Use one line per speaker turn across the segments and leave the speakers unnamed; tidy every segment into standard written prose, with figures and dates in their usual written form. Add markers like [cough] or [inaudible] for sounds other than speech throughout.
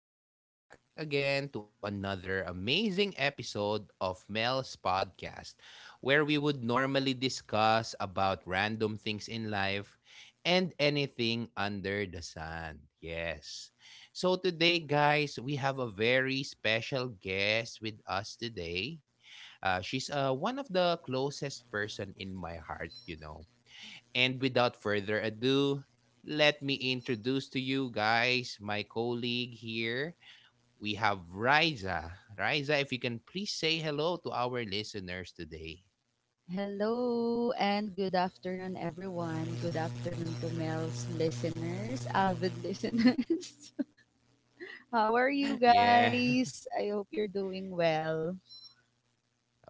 and welcome back again to another amazing episode of Mel's podcast, where we would normally discuss about random things in life and anything under the sun. Yes. So, today, guys, we have a very special guest with us today. She's one of the closest person in my heart. And without further ado, let me introduce to you guys my colleague here. We have Riza. Riza, if you can please say hello to our listeners today.
Hello and good afternoon, everyone. Good afternoon to Mel's listeners, avid listeners. [laughs] How
[laughs]
are you
Yeah.
guys? I hope you're doing well. [laughs]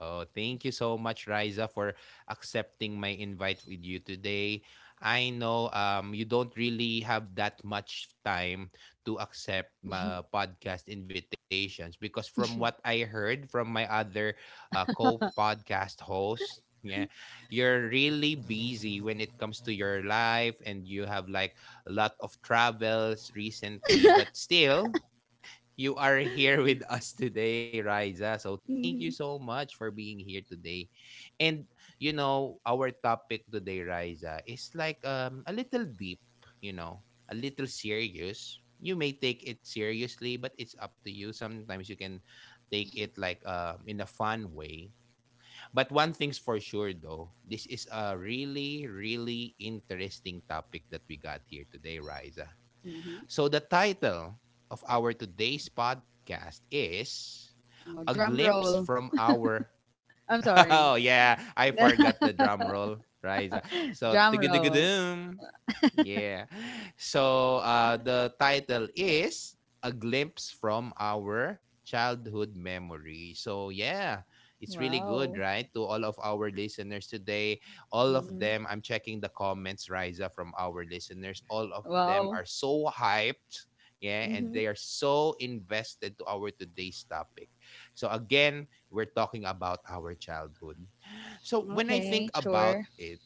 Oh, thank you so much, Riza, for accepting my invite with you today. I know you don't really have that much time to accept my podcast invitations because, from what I heard from my other co podcast hosts, yeah, you're really busy when it comes to your life and you have like a lot of travels recently, but still, you are here [laughs] with us today, Riza. So thank you so
Mhm.
much for being here today. And our topic today, Riza, is like a little deep, you know, a little serious. You may take it seriously, but it's up to you. Sometimes you can take it like in a fun way. But one thing's for sure though, this is a really, really interesting topic that we got here today, Riza.
Mhm.
So the title of our today's podcast is A
Oh, drum
Glimpse
roll.
from Our...
I'm
[laughs] Oh
sorry.
yeah, I forgot
[laughs]
the drum roll, Riza. So
drum roll.
tigidigidoom. Yeah. So the title is A Glimpse from Our Childhood Memory. So yeah, it's really good,
Wow.
right? To all of our listeners today. All of
Mhm.
them, I'm checking the comments, Riza, from our listeners. All of them
Wow.
are so hyped. Yeah, and
Hmm.
they are so invested to our today's topic. So again, we're talking about our childhood. So when I think
Okay,
about
sure.
it,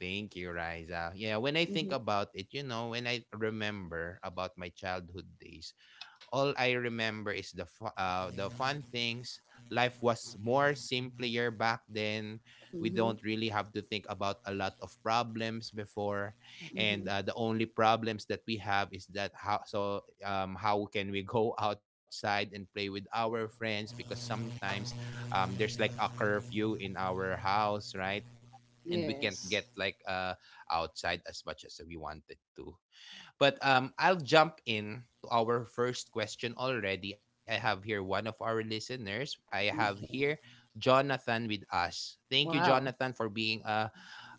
thank you, Riza. Yeah, when I think
Hmm.
about it, when I remember about my childhood days, all I remember is the fun things. Life was more simpler back then. We don't
Hmm.
really have to think about a lot of problems before, and
Hmm.
the only problems that we have is that how can we go [laughs] outside and play with our friends because sometimes there's like a curfew in our house, right? And we can't get
Yes.
like outside as much as we wanted to. But I'll jump in to our first question already. I have here one of our listeners. I have here
Okay.
Jonathan with us. Thank you, Jonathan,
Wow.
for being a,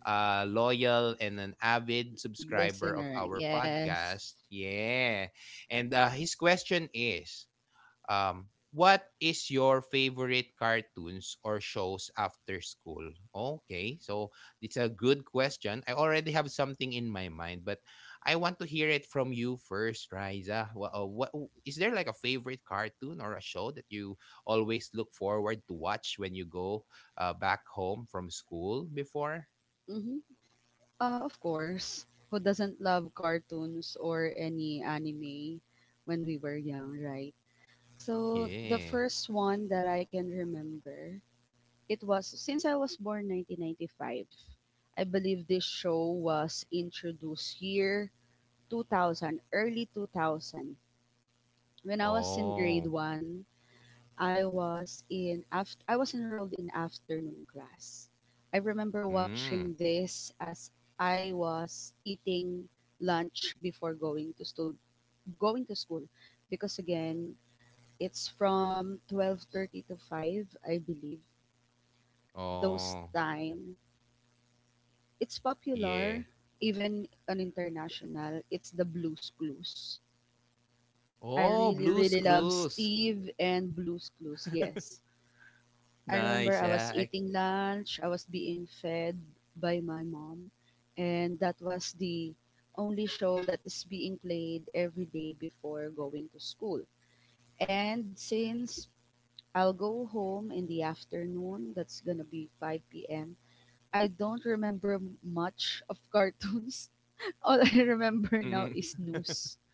a loyal and an avid subscriber of
Listener,
our
yes.
podcast. Yeah. And his question is, um, what is your favorite cartoons or shows after school? Okay, so it's a good question. I already have something in my mind, but I want to hear it from you first, Riza. What is there like a favorite cartoon or a show that you always look forward to watch when you go back home from school before?
Mm-hmm. Of course, who doesn't love cartoons or any anime when we were young, right? So the
Yeah.
first one that I can remember, it was since I was born 1995. I believe this show was introduced year 2000, early 2000. When I was in
Oh.
grade one, I was in I was enrolled in afternoon class. I remember watching
Mm.
this as I was eating lunch before going to school because again, it's from 12:30 to 5, I believe. Those
Oh.
time it's popular,
Yeah.
even on international, it's the Blues Clues. I
Oh,
really
Blue's
love
Clues.
Steve and Blues Clues.
[laughs]
Yes. I remember I
Nice,
was
yeah, I
eating lunch, I was being fed by my mom, and that was the only show that is being played every day before going to school. And since I'll go home in the afternoon, that's gonna be 5 p.m., I don't remember much of cartoons. [laughs] All I remember now
mm.
is news.
[laughs]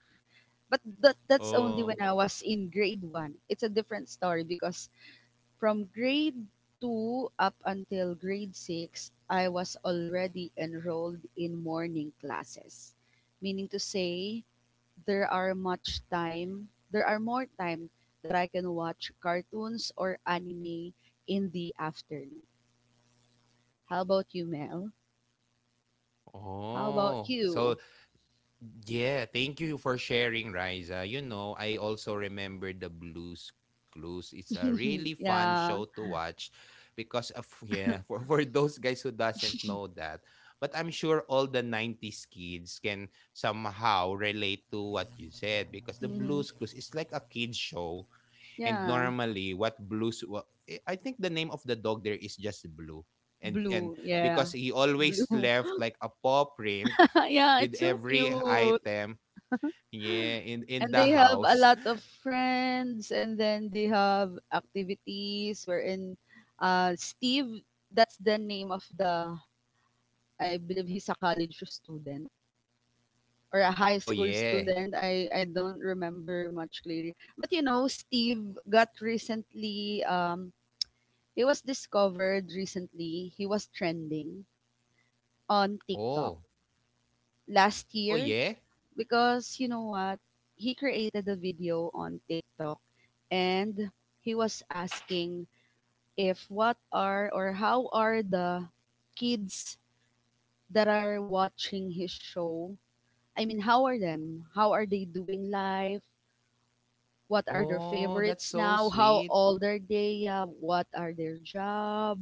But that's only when I
Oh,
was in grade one. It's a different story because from grade 2 up until grade 6, I was already enrolled in morning classes. Meaning to say, there are more time that I can watch cartoons or anime in the afternoon. How about you, Mel? How about
oh. So,
you?
yeah, thank you for sharing, Riza. I also remember the Blue's Clues. It's a really
[laughs]
fun show to
Yeah.
watch because of [laughs] yeah, for those guys who doesn't know that. But I'm sure all the 90s kids can somehow relate to what you said because the Blue's
Hmm.
Clues is like a kids show. And
Yeah.
normally, what blues? Wa- eh, I think the name of the dog there is just Blue, and
Blue. Yeah.
because he always
Blue.
left like a paw print
[laughs] Yeah,
with
it's so
every
cute.
item, yeah, in
And they
the
have a
house.
lot of
[laughs]
friends, and then they have activities wherein Steve, that's the name of the, I believe he's a college student or a high
Oh
school
yeah.
student. I don't remember much clearly. But you know, Steve got recently, he was discovered recently, he was trending on TikTok
Oh.
last
Oh
year.
yeah.
Because you know what? He created a video on TikTok and he was asking if what are or how are the kids that are watching his show? I mean, how are them? How are they doing life? What are their
Oh, that's
favorites
so
now, how
sweet.
old are they, what are their job,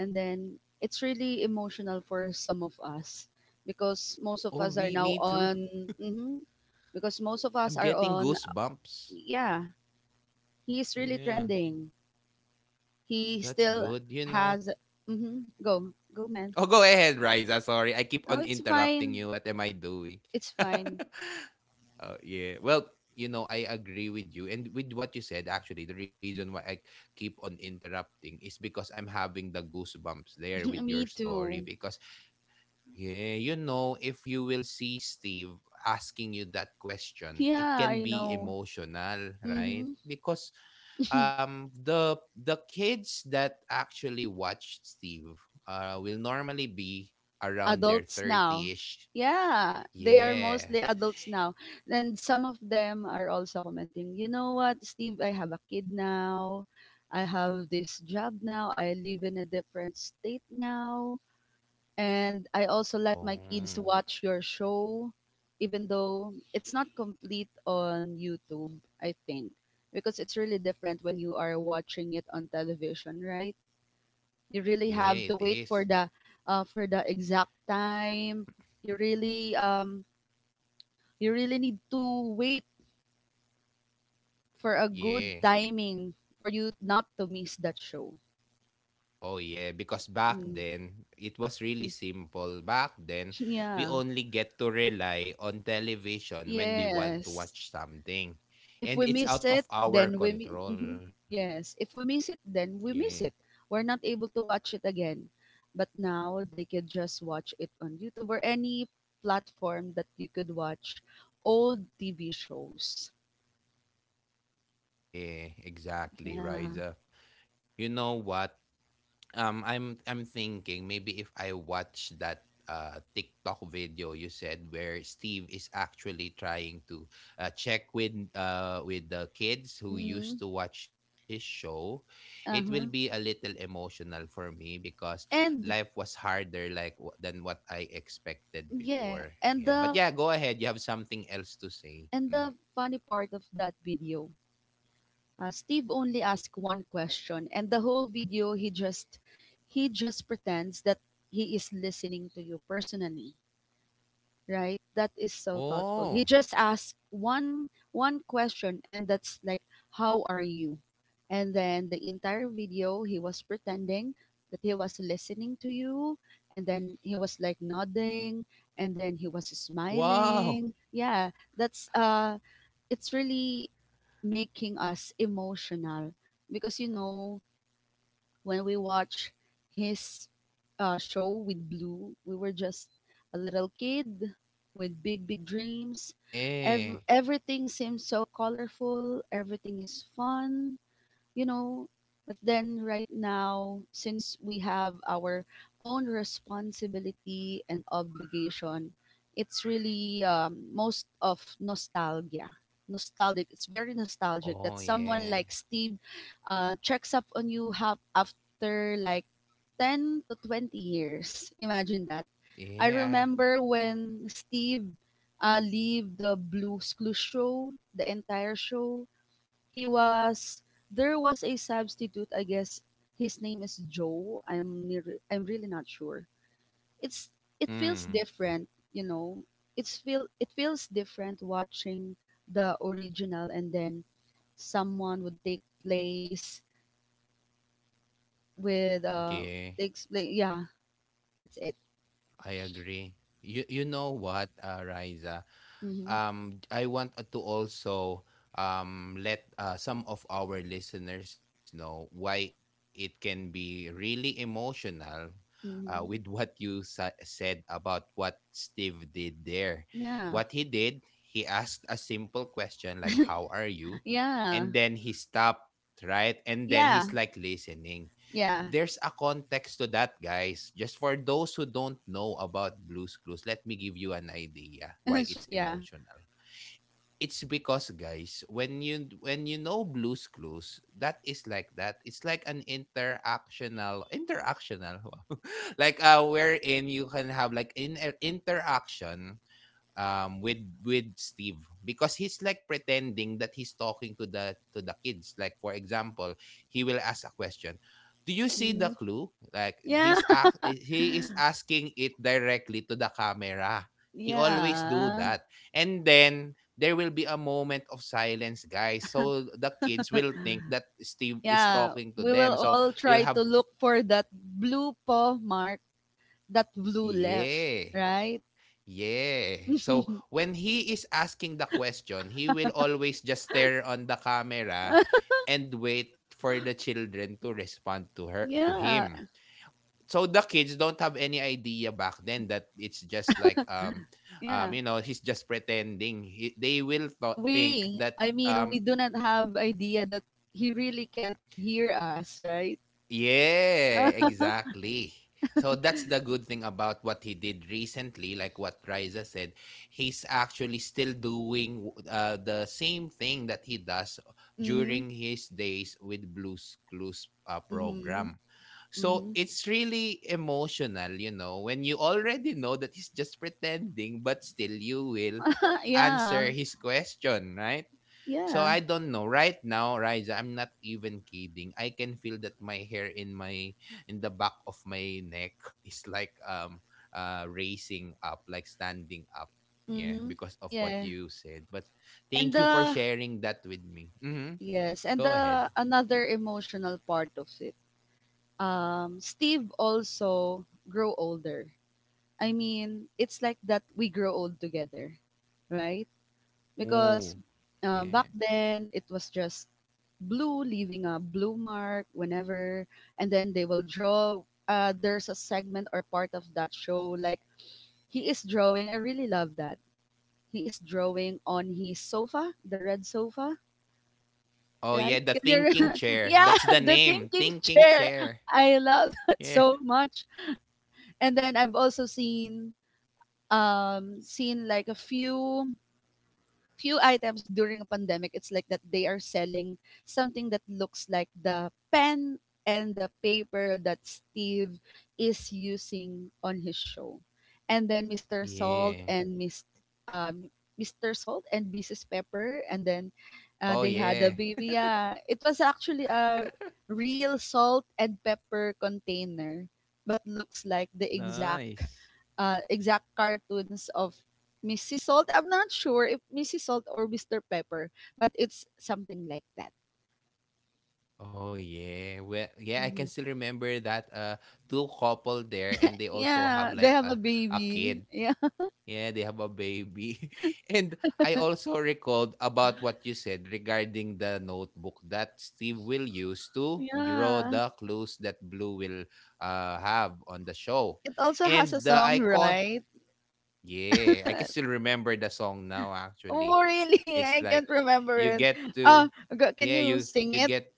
and then it's really emotional for some of us because most of
Oh,
us are
me
now
too.
on mhm, because most of
I'm
us are
getting
on
goosebumps.
yeah. He's really
Yeah,
trending, he
that's
still
good.
has. Hmm, go go man.
Oh, go ahead, Riza. Sorry, I keep on
Oh, it's
interrupting
fine,
you. What am I doing?
it's
[laughs]
fine. [laughs]
Oh, yeah. Well, I agree with you. And with what you said, actually, the reason why I keep on interrupting is because I'm having the goosebumps there with
[clears throat]
your
Me
story
too.
because... Yeah, if you will see Steve asking you that question, it
Yeah,
can
I
be
know.
emotional, right?
Mm-hmm.
Because the kids that actually watch Steve will normally be around their
Adults now.
30ish.
Yeah, they are
Yeah.
mostly adults now. And some of them are also commenting, you know what, Steve, I have a kid now. I have this job now. I live in a different state now. And I also let my
Oh,
kids watch your show, even though it's not complete on YouTube, I think, because it's really different when you are watching it on television, right? You really
yeah,
have
it
to wait
is.
for the exact time, you really um you really need to wait for a good
Yeah.
timing for you not to miss that show.
Oh yeah, because back
Mm,
then, it was really
mm.
simple. Back then,
[laughs]
we
Yeah.
only get to rely on television when we want to
Yes,
watch something.
if
And
we
it's
miss
out
it
of our
then we mi-
control.
mhm. yes if we miss it
Yeah.
then we miss it We're not able to watch it again, but now they can just watch it on YouTube or any platform that you could watch old TV shows.
Yeah, exactly,
Yeah.
Riza. You know what? I'm thinking maybe if I watch that TikTok video you said where Steve is actually trying to check with the kids who used
Mhm,
to watch his show, it will be a
uh-huh,
little emotional for me because life
and
was harder like than what I expected
yeah,
before. Yeah, but yeah, go ahead. You have something else to say.
and the
Mhm.
funny part of that video, Steve only asked one question, and the whole video he just pretends that he is listening to you personally. Right, that is so thoughtful. He just
Oh,
asked one question, and that's like how are you, and then the entire video he was pretending that he was listening to you, and then he was like nodding, and then he was smiling.
wow.
Yeah, that's it's really making us emotional, because you know, when we watch his show with Blue, we were just a little kid with big, big dreams. Ev-
Yeah.
everything seems so colorful. Everything is fun, you know, but then right now, since we have our own responsibility and obligation, it's really most of nostalgia nostalgic. It's very nostalgic that
Oh,
someone like
yeah.
Steve checks up on you half after like 10 to 20 years. [laughs] Imagine that. I
Yeah.
remember when Steve leave the Blues Clues show, the entire show. He was there was a substitute, I guess. His name is Joe, I'm really not sure. It's it feels
Hmm.
different, you know, it's feels different watching the original, and then someone would take place with
Yeah,
explain yeah, that's it.
I agree. You know what, Riza?
Mm-hmm.
I want to also let some of our listeners know why it can be really emotional with
Mm-hmm.
what you said about what Steve did there. What
Yeah.
he did, he asked a simple question like, "How are you?"
[laughs] Yeah.
and then he stopped, right? And then
Yeah.
he's like listening.
Yeah.
There's a context to that, guys. Just for those who don't know about Blues Clues, let me give you an idea why
[laughs]
it's
Yeah.
emotional. It's because, guys, when you know Blues Clues, that is like that. It's like an interactional, [laughs] like wherein you can have like interaction with Steve because he's like pretending that he's talking to the kids. Like, for example, he will ask a question, do you see
Mm-hmm.
the clue, like
Yeah.
he is asking it directly to the camera.
[laughs]
He always do
Yeah.
that. And then there will be a moment of silence, guys, so the kids will think that Steve is
Yeah,
talking to
we will
them, so
all
you'll
try
have...
to look for that blue paw mark that blue left,
yeah.
right?
Yeah. So when he is asking the question, he will always just stare on the camera and wait for the children to respond to her to
Yeah,
him. So the kids don't have any idea back then that it's just like um um
yeah.
you know he's just pretending. They will think
We,
that...
I mean, we do not have idea that he really can't hear us, right?
Yeah, exactly. So that's the good thing about what he did recently, like what Riza said. He's actually still doing the same thing that he does
Mm-hmm.
during his days with Blues Clues
Mm-hmm.
program.
Mm-hmm.
So it's really emotional, when you already know that he's just pretending, but still you will
[laughs] Yeah.
answer his question, right?
Yeah.
So I don't know. Right now, Riza, I'm not even kidding. I can feel that my hair in the back of my neck [laughs] is like raising up, like standing up. Yeah,
Mm-hmm.
because of what
Yeah.
you said. But
And
thank you for
the
sharing that with me. Mm-hmm.
yes, and
Go
the
ahead.
another emotional part of it. Steve also grew older, I mean, it's like that we grow old together, right? Because
Ooh.
back
Yeah.
then it was just blue leaving a blue mark whenever, and then they will draw. There's a segment or part of that show like he is drawing. I really love that. He is drawing on his sofa, the red sofa,
Oh
right?
yeah, the
Can you?
thinking
[laughs]
chair.
Yeah,
That's the
the
name.
thinking
Thinking
chair.
chair.
I love [laughs] that
Yeah.
so much. And then I've also seen seen like a few few items during a pandemic, it's like that they are selling something that looks like the pen and the paper that Steve is using on his show. And then Mr. Salt
Yeah.
and Miss um, Mr. Salt and Mrs. Pepper, and then
Oh
they had a
yeah.
baby. Yeah, it was actually a real salt and pepper container, but looks like the exact
Nice.
exact cartoons of Mrs. Salt. I'm not sure if Mrs. Salt or Mr. Pepper, but it's something like that.
Oh yeah. Well, yeah, I can still remember
Mhm.
that two couple there, and they also have like
Yeah,
a
they have a
a kid.
baby. Yeah, [laughs]
Yeah, they have a baby. [laughs] And I also recalled about what you said regarding the notebook that Steve will use to draw
yeah.
the clues that Blue will have on the show.
It also has
And
a
the
song,
icon,
right?
yeah, I can still
[laughs]
remember the song now actually.
Oh, really? [laughs]
It's
I
like
can't remember
you
it.
get to...
Uh, can
yeah,
you
you
sing
you
it?
get...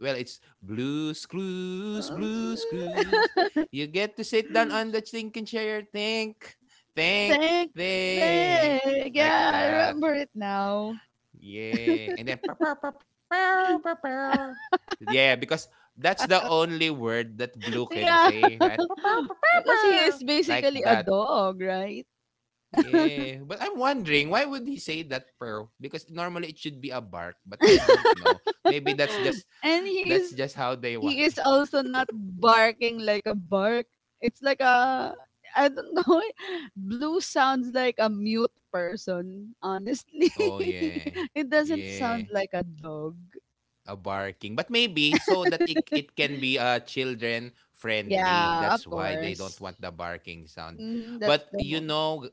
well, it's Blues Clues, Blues
[laughs] Uh,
Clues. You get to sit down on the thinking chair, think,
thank,
think,
thank.
like
Yeah, I
that.
remember it now.
Yeah, and then pow, pow, pow, pow, pow, pow. Yeah, because that's the only word that Blue
[laughs]
can
Yeah,
say, right? Pow, pow, pow,
[laughs]
pow,
because he
pow.
is
Like
basically a
that.
dog, right?
Yeah, but I'm wondering why would he say that pearl? Because normally it should be a bark, but I don't know. Maybe that's
[laughs]
just
And
that's
he's
just how they [laughs] want
he is
it.
also not barking like a bark. It's like a I don't know. [laughs] Blue sounds like a mute person, honestly.
Oh yeah.
[laughs] It doesn't
Yeah.
sound like a dog.
A barking. But maybe so that it can be children friendly.
Yeah,
That's
of
why they don't
course.
want the barking sound.
Mm, that's
But
the
you
most.
know,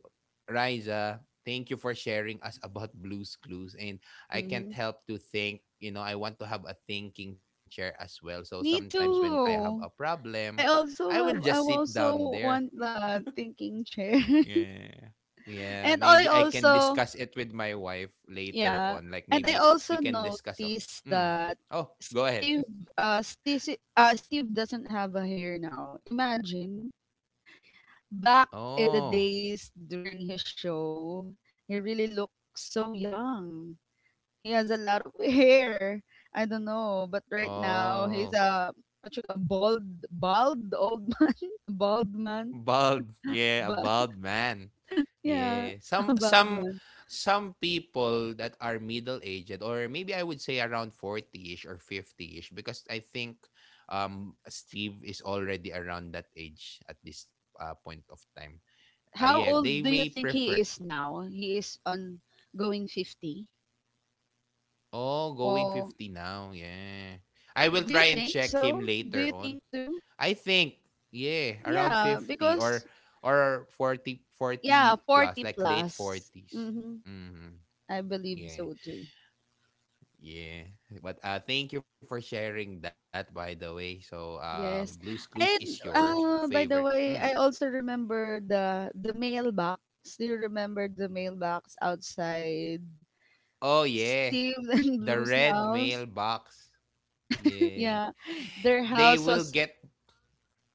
Riza, thank you for sharing us [laughs] about Blues Clues. And I can't
Hmm.
help to think, I want to have a thinking chair as well. So
Me
sometimes when I have a
too.
problem,
I
I
also
will
have.
just
I
sit
also
down there.
want the thinking chair. [laughs]
Yeah. Yeah,
And
maybe
I
I can
also
discuss it with my wife later
yeah,
on. Like
and I
maybe we
also
can discuss of.
noticed
Mm.
that
Oh, go ahead.
Steve,
[laughs]
Steve doesn't have a hair now. Imagine back in the
Oh,
days during his show, he really looked so young. He has a lot of [laughs] hair. I don't know, but right now
oh,
he's a what you call bald old, [laughs] a bald man.
bald. Yeah, a
But
bald man.
[laughs] yeah,
Yeah,
a
some
bald
some
man.
some people that are middle aged, or maybe I would say around 40 ish or 50 ish, because I think Steve is already around that age at this point of time. Uh,
How
yeah,
old
they
do you
may
think he
prefer...
is now? He is on going 50.
Oh, going
Well,
50 now. Yeah. I will
do you
try and
think
check him
so? Do
later
you
on.
think too?
I think, yeah, around
Yeah,
50 or
because yeah,
40
40
plus, like late
plus.
40s.
Mm-hmm.
Mhm.
I believe
Yeah.
so too.
Yeah. But thank you for sharing that, by the way. So Blue's
Yes.
Clues is your
And uh,
favorite.
by the
Mm.
way, I also remember the mailbox. Do you remember the mailbox outside
Oh yeah.
Steve [laughs] and
The
Blue's
red
house?
mailbox.
[laughs]
Yeah.
Yeah. Their
They
house
will
was
get...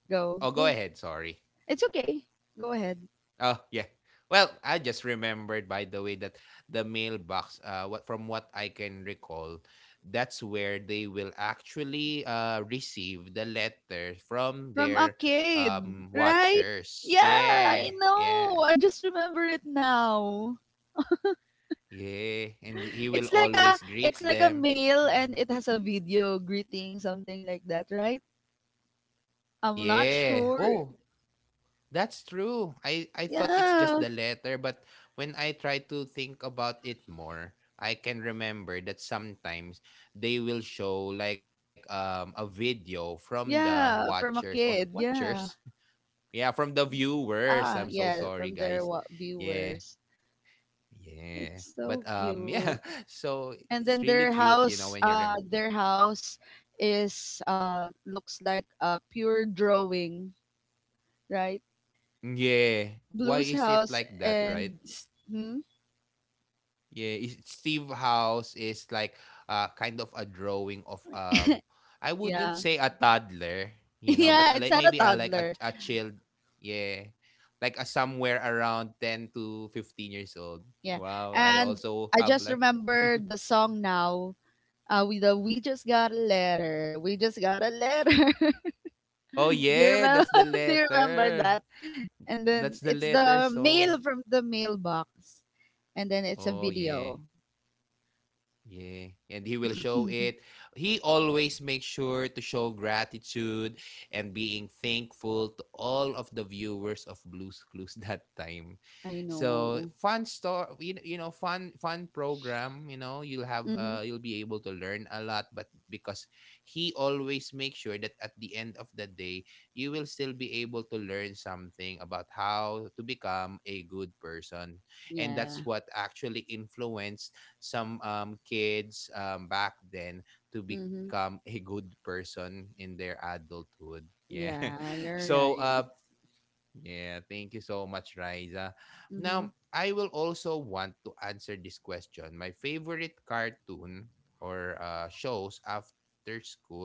go.
Oh, go
Go.
ahead. Sorry.
It's okay. Go ahead.
Oh, yeah. Well, I just remembered, by the way, that the mailbox, what from what I can recall, that's where they will actually receive the letter from
From
their
a kid, right?
watchers.
Yeah,
Yeah.
I
Yeah.
know. I just remember it now.
Yeah, and he will
It's like
always greet
a
them.
mail, and
Mhm.
it has a video greeting, something like that, right?
Oh
I'm not
yeah.
sure.
Oh, that's true. I thought it's just
Yeah.
the letter, but when I try to think about it more, I can remember that sometimes they will show like a video from the
Yeah,
watchers
from
or
a kid.
watchers. [laughs]
Yeah.
Yeah, from the viewers. I'm
Ah,
so
yeah,
sorry,
from
guys.
their
Yeah.
viewers.
Yeah.
It's
But
so
[laughs] yeah,
cute.
so
And
it's
then
really
their
cute, you know,
house,
when you
uh
rem...
their house is uh, looks like a pure drawing, right?
Yeah. Why
Blue's
is it
house
like that, right?
and hmm?
Yeah, is- Steve House is like kind of a drawing of I wouldn't
Yeah.
say a toddler,
[laughs]
you know, but
Yeah, it's
like
not
maybe
a
a like a
toddler.
a child, yeah. Like a somewhere around 10 to 15 years old.
Yeah.
Wow, I
And
also
I
have
just
like [laughs]
remember the song now. We just got a letter. We just got a letter.
Oh
[laughs] do you
yeah,
remember
that's the
[laughs] do you remember
letter.
that? And then
That's the
it's
letter
the mail
song.
from the mailbox. And then it's a
Oh yeah.
video.
Yeah, and he will show
[laughs]
it. He always makes sure to show gratitude and being thankful to all of the viewers of Blue's Clues [laughs] that time.
I
So
know.
fun store, you know, fun fun program. You know, you'll have
Mm-hmm.
you'll be able to learn a lot, but because he always makes sure that at the end of the day, you will still be able to learn something about how to become a good person, and
Yeah.
that's what actually influenced some kids back then to
Mm-hmm.
become a good person in their adulthood. Yeah.
Yeah,
[laughs]
you're
So,
right.
yeah, thank you so much, Riza.
Mm-hmm.
Now, I will also want to answer this question. My favorite cartoon or shows after school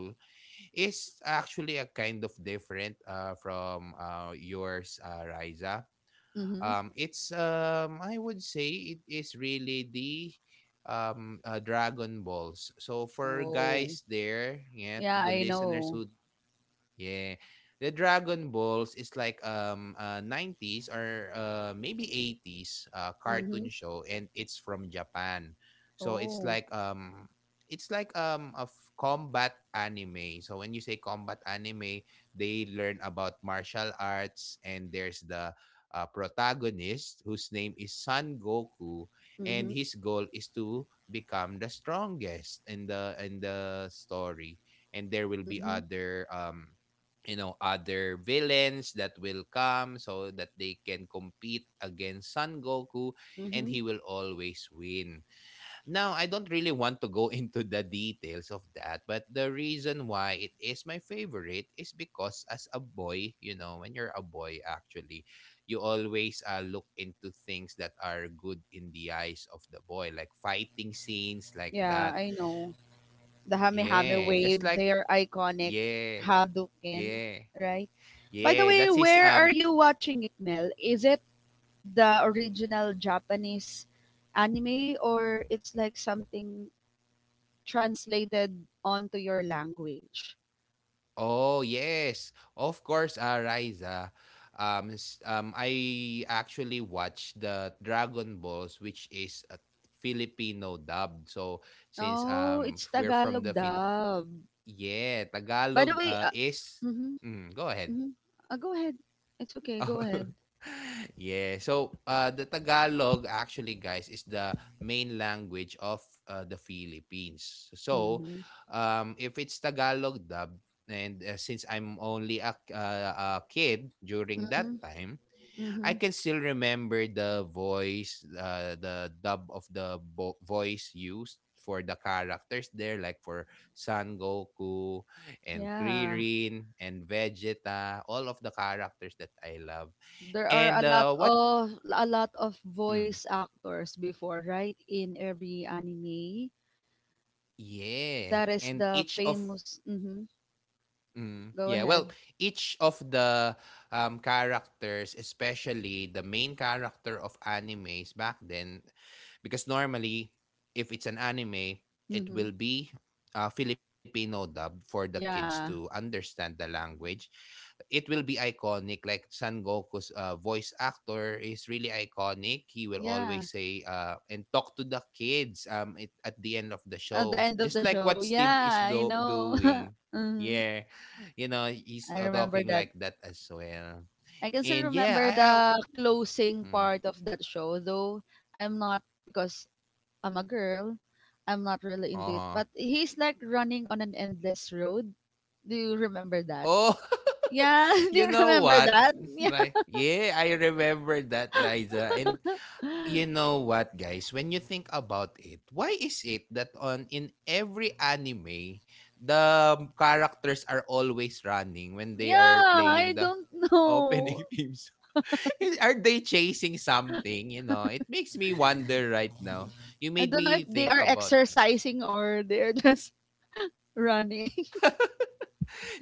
is actually a kind of different from yours, Riza.
Mm-hmm.
It's I would say it is really the Dragon Balls. So for
Oh.
guys there, yeah, to
Yeah,
the
I
listeners
know.
who... Yeah. The Dragon Balls is like 90s or maybe 80s
Mm-hmm.
cartoon show, and it's from Japan. So
Oh,
it's like a combat anime. So when you say combat anime, they learn about martial arts, and there's the protagonist whose name is Son Goku, and
mhm,
his goal is to become the strongest in the story, and there will be
mhm,
other you know, other villains that will come so that they can compete against Son Goku, and
mhm.
he will always win. Now, I don't really want to go [laughs] into the details of that, but the reason why it is my favorite is because as a boy, you know, when you're a boy actually, you always look into things that are good in the eyes of the boy, like fighting scenes like
Yeah,
that.
I know. The
Yeah,
Hame-Hame
just like
wave, their iconic.
yeah,
Hadouken,
yeah.
right? By
Yeah,
the
that's
way,
his
where are you watching it, Mel? Is it the original Japanese anime, or it's like something translated onto your language?
Oh, yes. Of course, Riza. I actually watched the Dragon Balls, which is a Filipino dub. So, since
Oh, it's
we're from
Tagalog
the Philippines.
dub.
Yeah,
By the
Tagalog
way,
is...
mhm,
Mm, go ahead.
mhm. Go ahead. It's okay.
Oh.
Go ahead.
[laughs] Yeah. So, the Tagalog actually, guys, is the main language of the Philippines. So,
Mhm,
if it's Tagalog dub, and since I'm only a kid during that
mhm,
time, I
mhm.
can still remember the voice, the dub of the voice used for the characters there, like for Son Goku and
Yeah,
Krillin and Vegeta, all of the characters that I love.
there are
And,
a lot of a lot of
mm,
voice actors before, right? In every anime,
yeah.
that is
And each
the
of
famous. Mm-hmm, go
Yeah, well,
ahead.
each of the characters, especially the main character of animes back then, because normally, if it's an anime, it
Mm-hmm.
will be Filipino dub for the kids to
Yeah,
understand the language. It will be iconic, like San Goku's voice actor is really iconic. He will always
yeah.
say and talk to the kids at the end of the
At the
show,
end
just
of the
like what
show,
Steve is
yeah, I know.
doing.
[laughs] Mm-hmm.
Yeah, you know, he's
I remember
talking
that.
like that as well.
I can still
And yeah,
remember the closing
hmm,
part of that show, though I'm not because I'm a girl. I'm not really into it,
uh-huh.
but he's like running on an endless road. Do you remember that?
Oh, [laughs]
Yeah, [laughs] do
you
you
know
remember
what?
that?
[laughs]
Yeah.
Right. Yeah, I remember that, Riza. And you know what, guys? When you think about it, why is it that on in every anime, the characters are always running when they
Yeah,
are playing
I
the
don't know.
opening [laughs] theme song. [laughs] Are they chasing something? You know, it makes me wonder right now. You
I
made
don't know if
me
they
think
are
about it.
exercising or they're just [laughs] running. [laughs]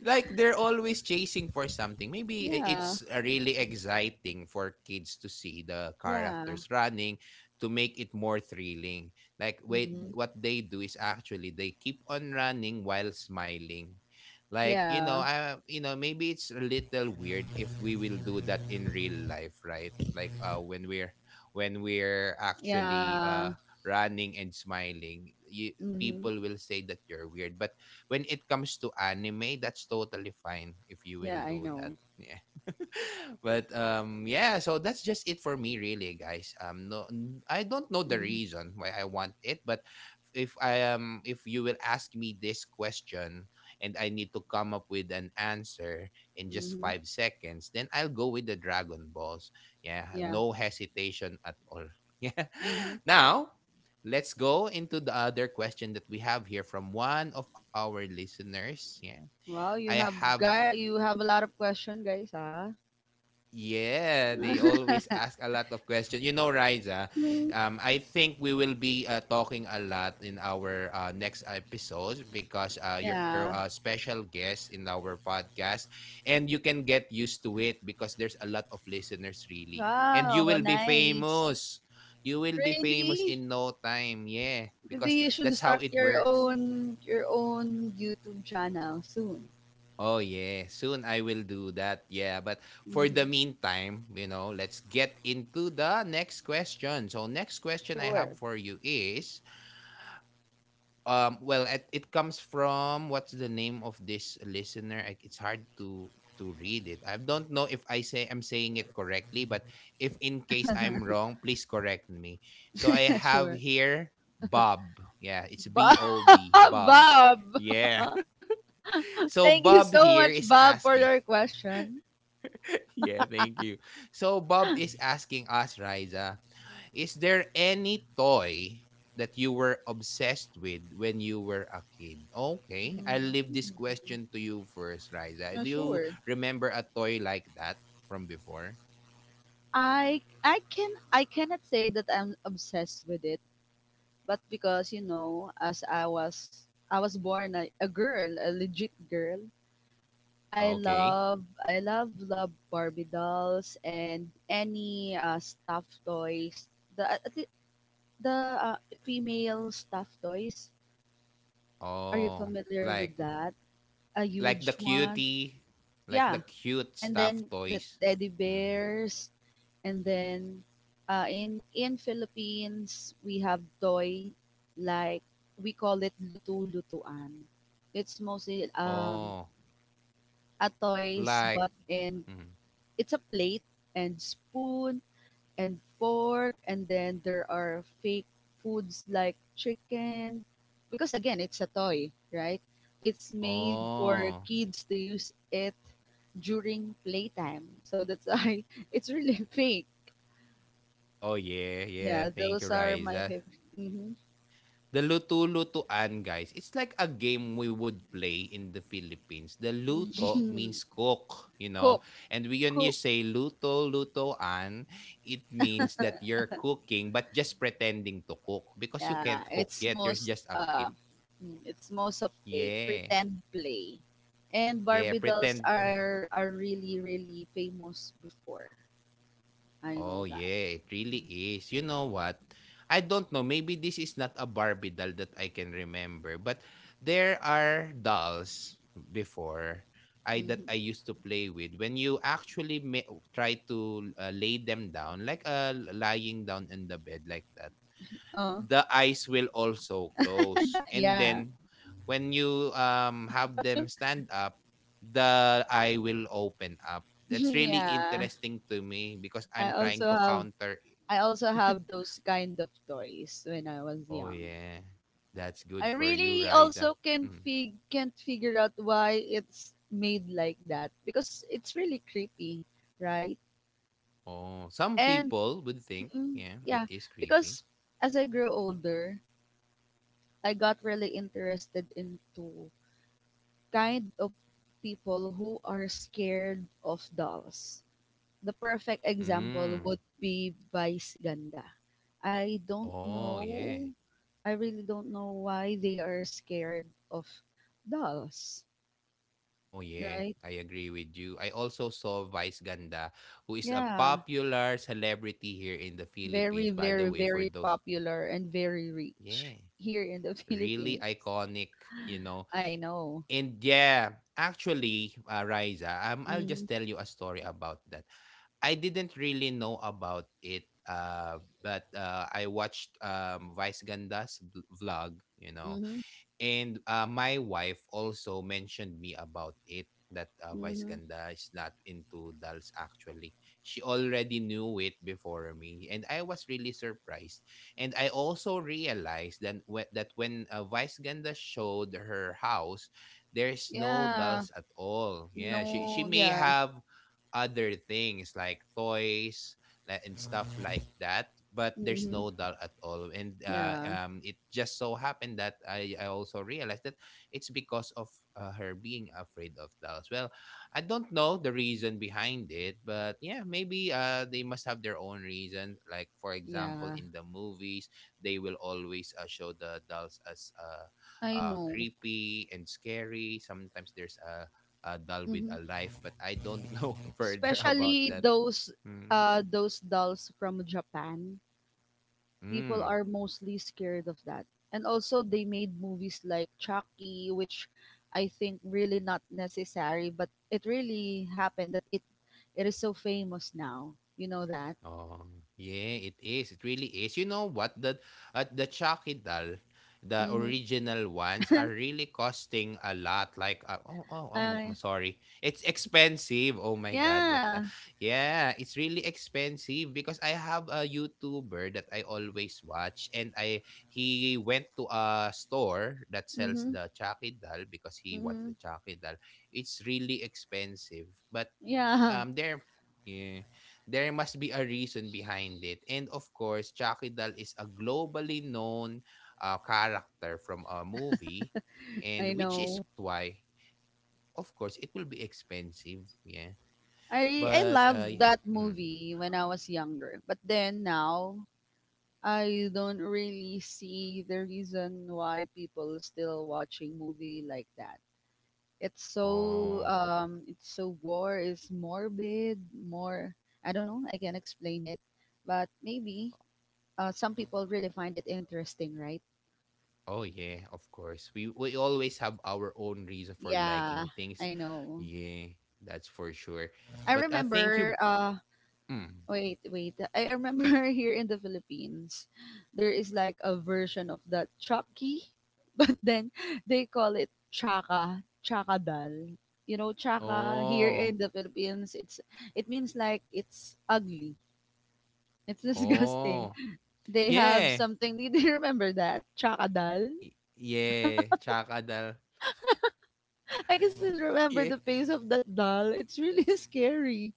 Like they're always chasing for something. Maybe
Yeah.
it's really exciting for kids to see the
Yeah.
characters running to make it more thrilling. Like wait,
Mhm.
what they do is actually they keep on running while smiling. Like you know,
Yeah.
maybe it's a little weird if we will do that in real life, right? Like when we're actually
Yeah.
running and smiling,
Mhm.
people will say that you're weird. But when it comes to anime, that's totally fine if you will
Yeah, I
do that.
know.
Yeah. [laughs] But yeah, so that's just it for me really, guys. I don't know the
Mhm.
reason why I want it, but if I am if you will ask me this question and I need to come up with an answer in just
Mhm.
5 seconds, then I'll go with the Dragon Balls. Yeah,
Yeah.
no hesitation at all. [laughs] Yeah.
Mhm.
Now, let's go into the other question that we have here from one of our listeners. Yeah.
Wow,
I
you
have
have guy you have a lot of question, guys, ah.
yeah, they always ask a lot of questions. You know, Riza,
Mhm.
I think we will be talking a lot in our next episodes because you're a
Yeah.
special guest in our podcast, and you can get used to it because there's a lot of listeners, really. And
Wow,
you will be
nice.
famous. You will be famous
Really?
in no time. Yeah,
Maybe
because
you should
that's
start
how it
your
works.
own your own YouTube channel soon.
Oh yeah, soon I will do that. Yeah, but for the
Mhm.
meantime, you know, let's get into the next question. So next question I have
Sure.
for you is well it comes from what's the name of this listener? It's hard to read it. I don't know if I'm saying it correctly, but if in case I'm wrong, please correct me. So I
[laughs]
have
Sure.
here Bob. Yeah, it's
Bob,
B-O-B,
[laughs]
Bob. Bob.
Bob,
Yeah. [laughs] So
thank
Bob
you
here
so
is
much, Bob,
asking
for your question.
Yeah, thank you. So Bob is asking us, Riza, is there any toy that you were obsessed with when you were a kid? Okay, I'll leave this
Mhm.
question to you first, Riza. Do
Yeah,
you
sure.
remember a toy like that from before?
I cannot say that I'm obsessed with it, but because you know, as I was born a girl, a legit girl, I
Okay.
love I love love Barbie dolls and any stuffed toys. The uh, the, the female stuffed toys. Are you
Oh,
familiar
like
with that? A
the
huge one.
cutie, like the
Yeah,
cute
and
stuff
then the
toys.
teddy
Mm.
bears, and then in Philippines we have toy like we call it lutu lutuan. It's mostly
Oh,
a toys
like
but in
mm.
it's a plate and spoon and fork and then there are fake foods like chicken because again it's a toy, right? It's made for
Oh.
kids to use it during playtime, so that's [laughs] why it's really fake.
Oh yeah, yeah.
Yeah,
Thank you,
those are my
Riza.
favorite. Hmm.
The luto-lutuan, guys, it's like a game we would play in the Philippines. The luto means cook, you
[laughs]
know.
Cook,
And when you
cook.
say luto, lutoan, it means that you're cooking but just pretending to cook because you
Yeah,
can't cook
it's
yet. You're
most
just a
uh
kid.
mm, it's most of a
Yeah.
pretend play. And
Yeah,
Barbie dolls
pretend play.
are really, really famous before. I know
Oh
that.
yeah, it really is. You know what? I don't know. Maybe this is not a Barbie doll that I can remember, but there are dolls before I that I
Mhm.
used to play with. When you actually may, try to lay them down, like lying down in the bed like that,
Oh,
the eyes will also close. And
yeah.
then when you have them stand up, the eye will open up. That's
[laughs]
really
Yeah.
interesting to me because
I
I'm trying
also
to
have,
counter it.
I also
[laughs]
have those kind of toys when I was
Oh
young.
yeah. That's
I
good for you,
really
Riza.
also can't
Mm.
fig can't figure out why it's made like that because it's really creepy, right?
Oh, some
And
people would think,
mm,
yeah, it
yeah,
is creepy.
because as I grew older, I got really interested into kind of people who are scared of dolls. The perfect example
Mm.
would be Vice Ganda. I don't
Oh yeah.
know. I really don't know why they are scared of dolls,
Oh yeah,
right?
I agree with you. I also saw Vice Ganda, who is a
Yeah,
popular celebrity here in the Philippines,
very,
by the
very,
way, for
very
those
popular and very
yeah,
rich here in the [laughs]
really
Philippines.
iconic, you know.
I know.
And yeah, actually, Riza, I'll just
Mm-hmm.
tell you a story about that. I didn't really know about it, but I watched Vice Ganda's vlog, you know,
Mm-hmm.
and my wife also mentioned me about it that Vice
Mhm.
Ganda is not into dolls actually. She already knew it before me, and I was really surprised. And I also realized that that when Vice Ganda showed her house, there's no
Yeah.
dolls at all. Yeah, she
No,
may
yeah.
have other things like toys and stuff like that, but there's
Mhm.
no dull at all. And
Yeah.
it just so happened that I also realized that it's because of her being afraid of dolls. Well, I don't know the reason behind it, but yeah, maybe they must have their own reason. Like, for example,
Yeah.
in the movies they will always show the dolls as
I know.
creepy and scary. Sometimes there's a doll with a
Mhm.
life, but I don't know [laughs] further about
Especially
that. Mm.
those dolls from Japan. People
Mm.
are mostly scared of that. And also they made movies like Chucky, which I think really not necessary, but it really happened that it is so famous now. You know that?
Oh, yeah, it is. It really is. You know what? That at the Chakidal, the
Mhm.
original ones are really costing a lot. Like, I'm
Uh,
sorry. It's expensive. Oh my God. What?
yeah.
Yeah, it's really expensive because I have a YouTuber that I always watch, and I he went to a store that sells
Mhm.
the Chakidal because he wants
Mhm.
the Chakidal. It's really expensive, but
Yeah.
there yeah, there must be a reason behind it. And of course, Chucky Doll is a globally known character from a movie,
[laughs]
and
I
which is
know.
why of course it will be expensive, yeah. But
I loved that
mm.
movie when I was younger, but then now I don't really see the reason why people still watching movie like that.
Oh,
It's so war is morbid, more, I don't know, I can explain it, but maybe some people really find it interesting, right?
oh, yeah, of course. We always have our own reason for
Yeah,
liking things.
I know.
Yeah, that's for sure.
I
But thank you.
remember
Mm.
Wait, wait. I remember [laughs] here in the Philippines, there is like a version of the Chucky, [laughs] but then they call it Chaka, Chaka Dal. You know, chaka
Oh,
here in the Philippines, it means like it's ugly. It's [laughs] disgusting.
oh,
They have
yeah.
something. [laughs] Did you remember that Chaka Dal?
Y Yeah, chakadal.
I can still
Yeah.
remember the face of that doll. It's really [laughs] scary.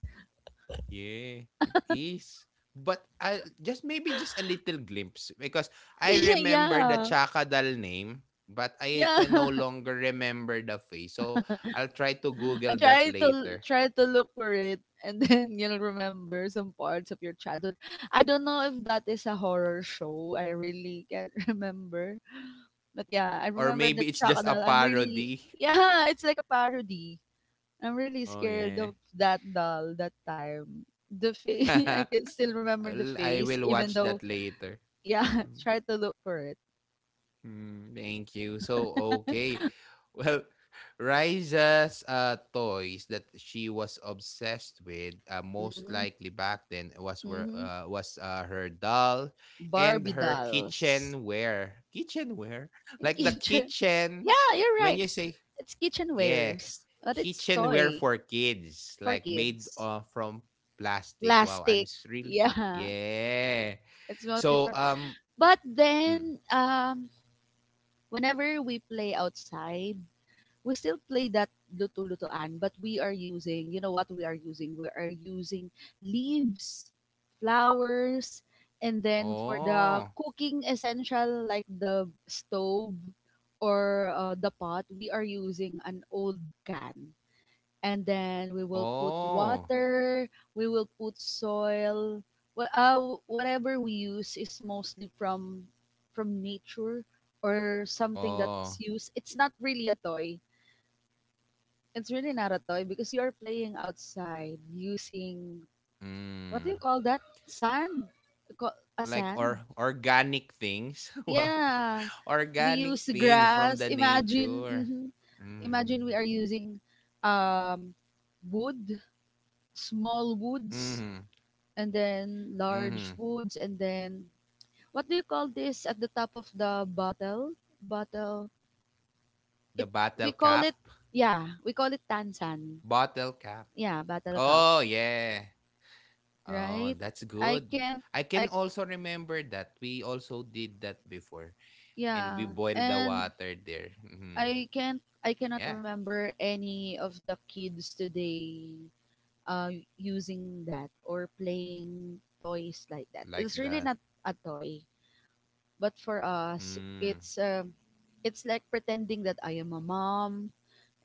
Oh, yeah, it is. But I just maybe just a little glimpse because I
[laughs]
remember the
Yeah,
chakadal name, but I can
yeah.
no longer remember the face. So I'll try to Google
I
that
try to
later.
Try to look for it and then [laughs] you'll remember some parts of your childhood. I don't know if that is a horror show. I really can't [laughs] remember. But yeah, I
Or
remember the
maybe it's just
Chaka
a
doll. I'm really
parody. [laughs]
Yeah, [laughs] it's like a parody. I'm really
Oh
scared
yeah.
of that doll that time. The face, [laughs] I can
[laughs]
still remember the
Well, I
face
will
even
watch
though,
that later.
yeah, [laughs]
Hmm.
try to look for it.
Mm, thank you. So, okay. [laughs] Well, Riza's toys that she was obsessed with, most
Mhm.
likely back then, was were,
Mhm.
uh, was uh, her doll and
Barbie
her
dolls.
kitchenware. Kitchenware? [laughs] Like the
[laughs]
kitchen,
Yeah, you're
when
right.
you say,
It's
yeah,
kitchenwares, but it's
kitchenware
toy
for kids,
for
like made
kids.
from plastic. Wow, I'm
Plastic.
thrilled.
Yeah.
Yeah.
[laughs] It's mostly
So,
pro- But
mm.
then whenever we play outside, we still play that luto-lutoan, but we are using, you know what we are using? We are using leaves, flowers, and then for the
Oh.
cooking essential like the stove or the pot, we are using an old can, and then we will put
Oh.
water, we will put soil. Whatever we use is mostly from nature, or something that's
Oh.
used, it's not really a toy. It's really not a toy, because you are playing outside using, what do you
Mm.
call that, sand? A
Like,
sand,
or organic things. [laughs] Wow.
yeah, we
Organic
use
things from
grass,
the
imagine.
nature.
Mhm.
Mm.
Imagine we are using um wood, small
Mm-hmm.
woods, and then
Mm-hmm.
large woods, and then what do you call this at the top of the bottle, bottle,
The
it,
bottle
we call
cap.
it, yeah, we call it tansan.
Bottle cap.
Yeah, bottle
Oh
cup,
yeah. Oh,
right?
that's
I
good.
can't
I can
I
also remember that. We also did that before. And
Yeah,
we boiled the
and
water there. Hmm.
I
Yeah.
cannot remember any of the kids today uh using that or playing toys like that.
Like
It's
that.
really not a toy. But for us,
Mm.
it's like pretending that I am a mom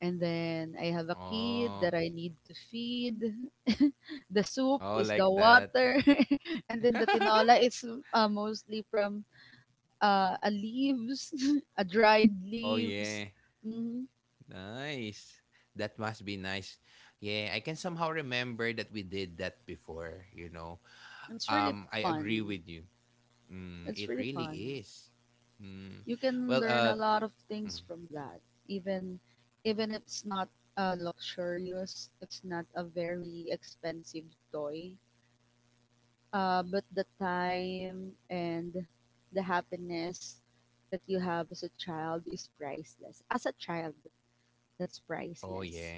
and then I have a
Oh.
kid that I need to feed. [laughs] The soup
Oh,
is
like
the
that.
water, [laughs] and then the
[laughs]
tinola is mostly from a leaves, [laughs] a dried
Oh, yeah.
leaves. Mhm.
Nice. That must be nice. Yeah, I can somehow remember that we did that before.
It's really
I agree with
fun.
you. Mm, it
It's really
really
fun.
is. Mm.
You
Well,
can learn a lot of
mm,
things from that, even
i-
even if it's not luxurious, it's not a very expensive toy, but the time and the happiness that you have as a child is priceless. As a child, that's
oh yeah.
priceless.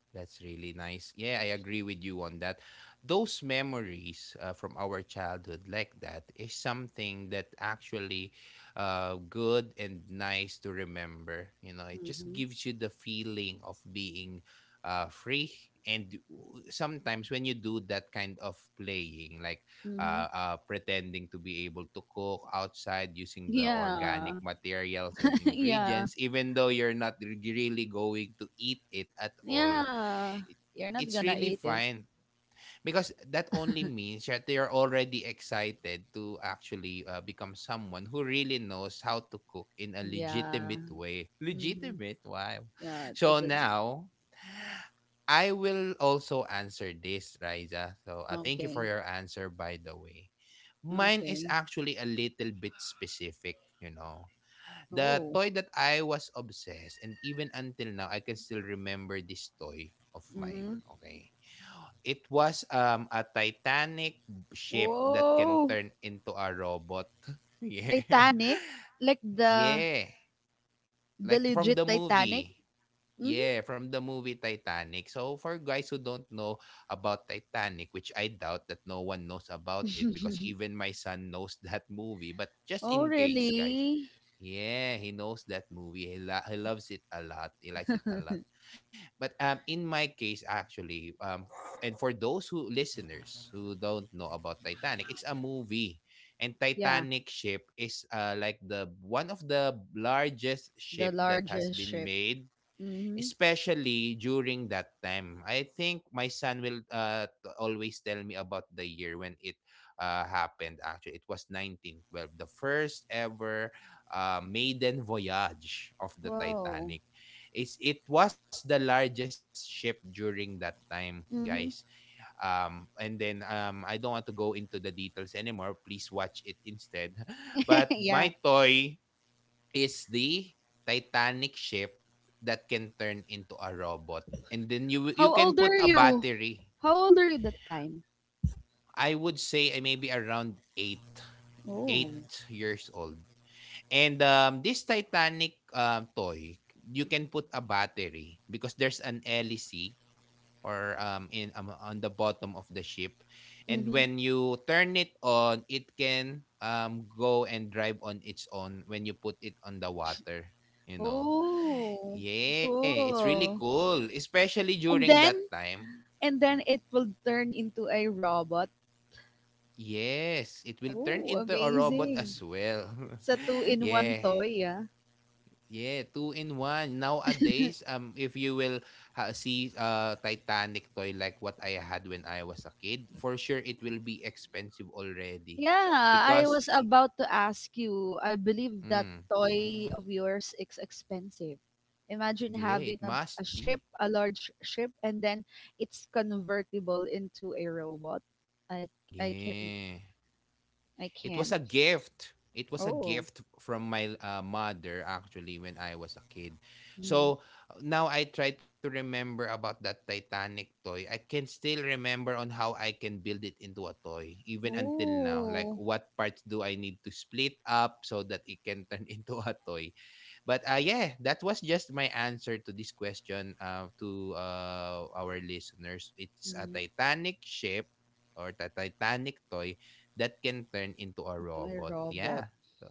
That's really nice. Yeah, I agree with you on that. Those memories, from our childhood, like that, is something that actually good and nice to remember. You know, it just
Mm-hmm.
gives you the feeling of being free. And sometimes when you do that kind of playing, like,
Mm-hmm.
pretending to be able to cook outside using the
Yeah.
organic materials and
[laughs] Yeah,
ingredients, even though you're not really going to eat it at all,
yeah,
it,
you're not
it's
gonna
really
eat it,
fine, because that only means that they are already excited to actually become someone who really knows how to cook in a
yeah.
legitimate way. [laughs]
Mm-hmm.
Legitimate, wow.
Yeah, to
So
the
now I will also answer this, Riza. So, thank you for
okay.
your answer, by the way. Mine is
Okay.
actually a little bit specific. The
Oh.
toy that I was obsessed and even until now I can still remember this toy of mine,
Mhm.
okay? It was a Titanic ship that can
Whoa.
turn into a robot. [laughs] Yeah. [laughs]
Titanic? Like
Yeah.
the
Like from
legit
the
Titanic?
movie.
Mhm.
Yeah, from the movie Titanic. So for guys who don't know about Titanic, which I doubt that no one knows about it, because even my son knows [laughs] that movie, but just
Oh,
in case, guys.
really?
Yeah, he knows that movie. He loves it a lot. He likes it a lot. But in my case actually, and for those who listeners who don't know about Titanic, it's a movie. And
Yeah,
Titanic ship is like the one of the largest
the
ship that has
largest
been
ship.
made,
Mhm.
especially during that time. I think my son will always tell me about the year when it happened. Actually, it was 1912, the first ever maiden voyage of the
Wow.
Titanic. Is it was the largest ship during that time, guys.
Mhm.
And then, I don't want to go into the details anymore. Please watch it instead. [laughs]
[laughs]
But
Yeah.
my toy is the Titanic ship that can turn into a robot. And then you
How
can
old
put
are
a
you?
battery.
How old are you that time?
I would say I maybe around eight
Oh.
eight years old. And, this Titanic toy, you can put a battery because there's an LEC, or in on the bottom of the ship. And
Mhm.
when you turn it on, it can, go and drive on its own when you put it on the water. You know,
Oh.
yeah, it's really
Cool.
cool, especially
And
during that
then,
time.
and
Mm.
then it will turn into a robot.
Yes, it will turn
Oh,
into a robot
amazing.
as well.
It's a
[laughs]
two-in-one
Yeah.
toy, yeah.
Yeah, two in one. Nowadays, if you will see Titanic toy like what I had when I was a kid, for sure it will be expensive already,
Yeah, I
because,
was about to ask you. I believe that
mm,
toy of yours is expensive. Imagine
yeah,
having
it must
a ship,
be.
a large ship, and then it's convertible into a robot. I I can
Yeah.
I
It was
can't.
a gift. It was a
Oh.
gift from my, mother actually when I was a kid.
Mm.
So now I try to remember about that Titanic toy. I can still remember on how I can build it into a toy even until now. Like,
Ooh.
what parts do I need to split up so that it can turn [laughs] into a toy? But, yeah, that was just my answer to this question, to our listeners. It's a
Mm,
Titanic ship or a Titanic toy that can turn into a
to a
robot. Yeah.
robot.
So,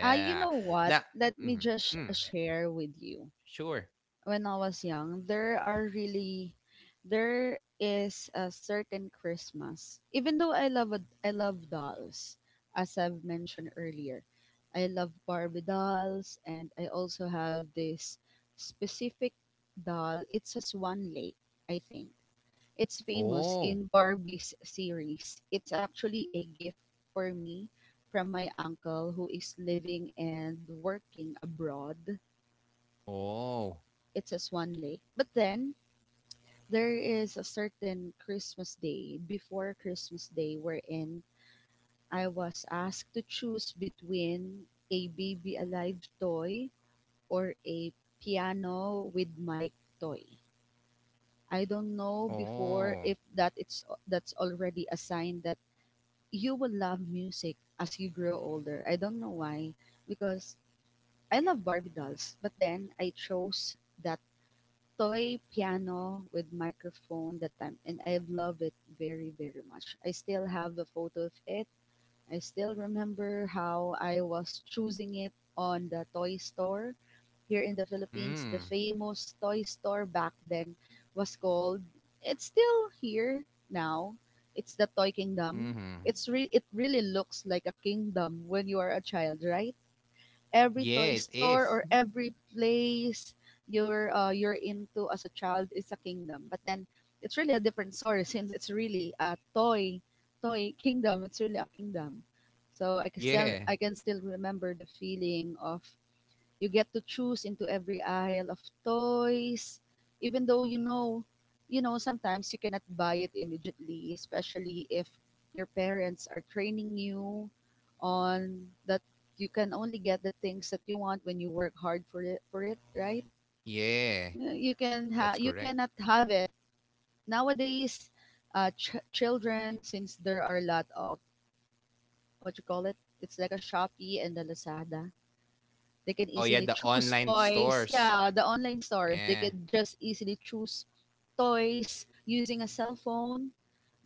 Ah, you know what?
Now,
Let me
mhm,
just
mm,
share with you.
sure.
When I was young, there are really, there is a certain Christmas. Even though I love dolls, as I've mentioned earlier, I love Barbie dolls, and I also have this specific doll. It's a Swan Lake, I think. It's famous
Oh,
in Barbie's series. It's actually a gift for me from my uncle who is living and working abroad.
oh,
It's a Swan Lake. But then there is a certain Christmas day before Christmas Day wherein I was asked to choose between a baby alive toy or a piano with mic toy. I don't know before
oh.
if that's already a sign that you will love music as you grow older. I don't know why, because I love Barbie dolls, but then I chose that toy piano with microphone that time and I love it very, very much. I still have the photo of it. I still remember how I was choosing it on the toy store here in the Philippines. The
Mm,
famous toy store back then was called, it's still here now. It's the Toy Kingdom.
mm-hmm.
It really looks like a kingdom when you are a child, right? Every
Yeah,
toy
it
store
is.
or
[laughs]
every place you're into as a child is a kingdom. But then it's really a different story [laughs] since it's really a toy kingdom. It's really a kingdom. So I can still
Yeah,
I can still remember the feeling of, you get to choose into every aisle of toys, even though you know, sometimes you cannot buy it immediately, especially if your parents are training you on that, you can only get the things that you want when you work hard for it, right?
yeah. That's
You
correct.
cannot have it nowadays, children, since there are a lot of, what you call it, it's like a Shopee and a Lazada. They can
Oh, yeah, the
easily choose
online
toys.
stores.
Yeah, the online stores, they
Yeah.
can just easily choose toys using a cell phone.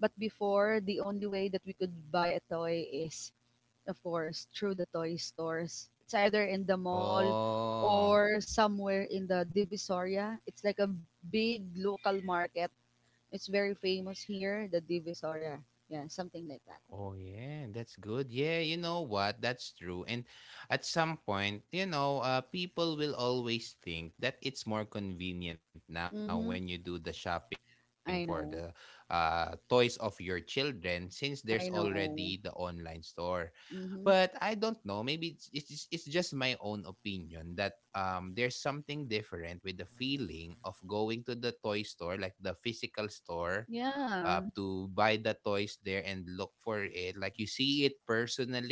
But before, the only way that we could buy a toy is, of course, through the toy stores. It's either in the mall
Oh.
or somewhere in the Divisoria. It's like a big local market. It's very famous here, the Divisoria. Yeah, something like that.
Oh yeah, that's good. Yeah, you know what? That's true. And at some point, you know, people will always think that it's more convenient now when you do
Mm-hmm.
the shopping for the,
I know.
toys of your children since there's already the
I
online
know.
store. But I don't
Mm-hmm.
know. Maybe it's just my own opinion that there's something different with the feeling of going to the toy store, like the physical store, to
Yeah.
buy the toys there and look for it. Like, you see it personally,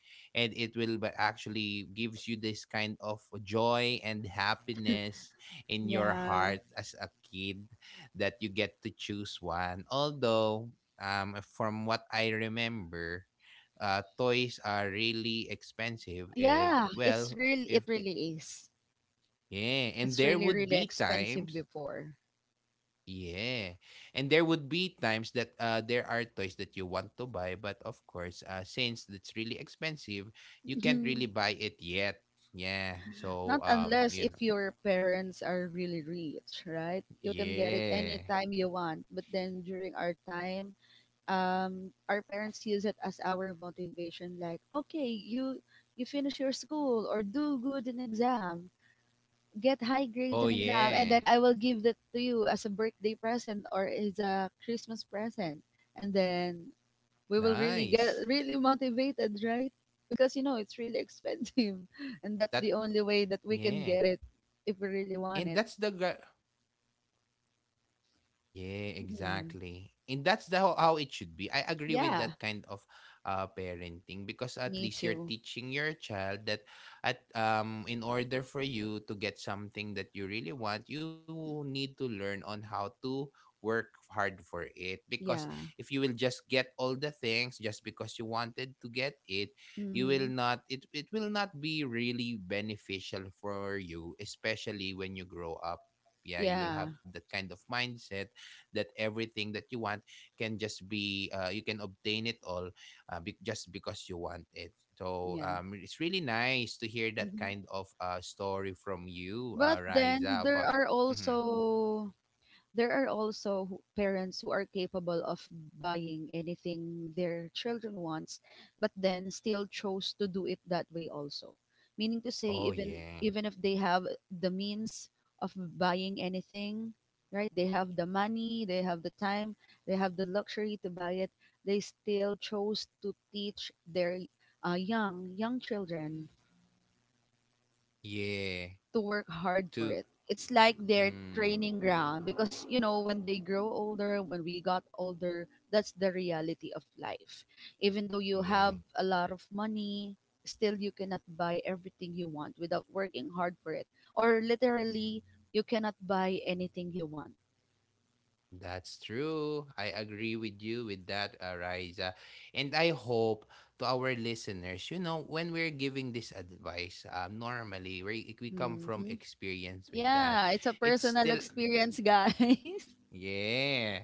and it will actually gives you this kind of joy and happiness in your
Yeah.
heart as a kid, that you get to choose one. Although, from what I remember, toys are really expensive. If,
Yeah, it's
well,
real
if
it
eh,
really is.
yeah, and
It's
there
really,
would
really
be
expensive
times,
before.
yeah, and there would be times that, there are toys that you want to buy, but of course, since it's really expensive, you can't really
[laughs]
buy it yet. Yeah,
Not
so,
unless if your parents are really rich, right? You can get it
yeah,
anytime you want. But then during our time, our parents use it as our motivation. Like, okay, you finish your school or do good in exam, get high grades in
oh
exam, and then
yeah,
I will give that to you as a birthday present or as a Christmas present. And then we will really get
nice,
really motivated, right? Because you know it's really expensive,
yeah, because
[laughs]
you
and
know
that's the
that,
only way that we can get
yeah,
it if we really want it.
and that's the guy. Yeah,
Mhm.
exactly. And that's the, how it should be. I agree with
Yeah,
that kind of, parenting, because at
need
least you're
to.
teaching your child that, at in order for you to get something that you really want, you need to learn on how to work hard for it, because
Yeah.
if you will just get all the things just because you wanted to get it, you will
hmm
not it will not be really beneficial for you, especially when you grow up. Yeah, you will have
Yeah.
that kind of mindset, that everything that you want can just be, you can obtain it all, just because you want it. So,
Yeah.
it's really nice to hear that
hmm
kind of, story from you,
But
Riza,
then there
about.
are
Mhm.
also. There are also parents who are capable of buying anything their children wants, but then still chose to do it that way also. Meaning to say,
Oh
even
yeah.
even if they have the means of buying anything, right? They have the money, they have the time, they have the luxury to buy it. They still chose to teach their young children
Yeah,
to work hard for
to
it. It's like their
mm,
training ground because you know when they grow older, when we got older, that's the reality of life. Even though you
yeah.
have a lot of money, still you cannot buy everything you want without working hard for it. Or literally, you cannot buy anything you want.
That's true. I agree with you with that, Ariza. And I hope, to our listeners, you know, when we're giving this advice, normally, we come
hmm
from experience with that.
Yeah, it's a
It's
personal
still,
experience, guys. [laughs]
yeah.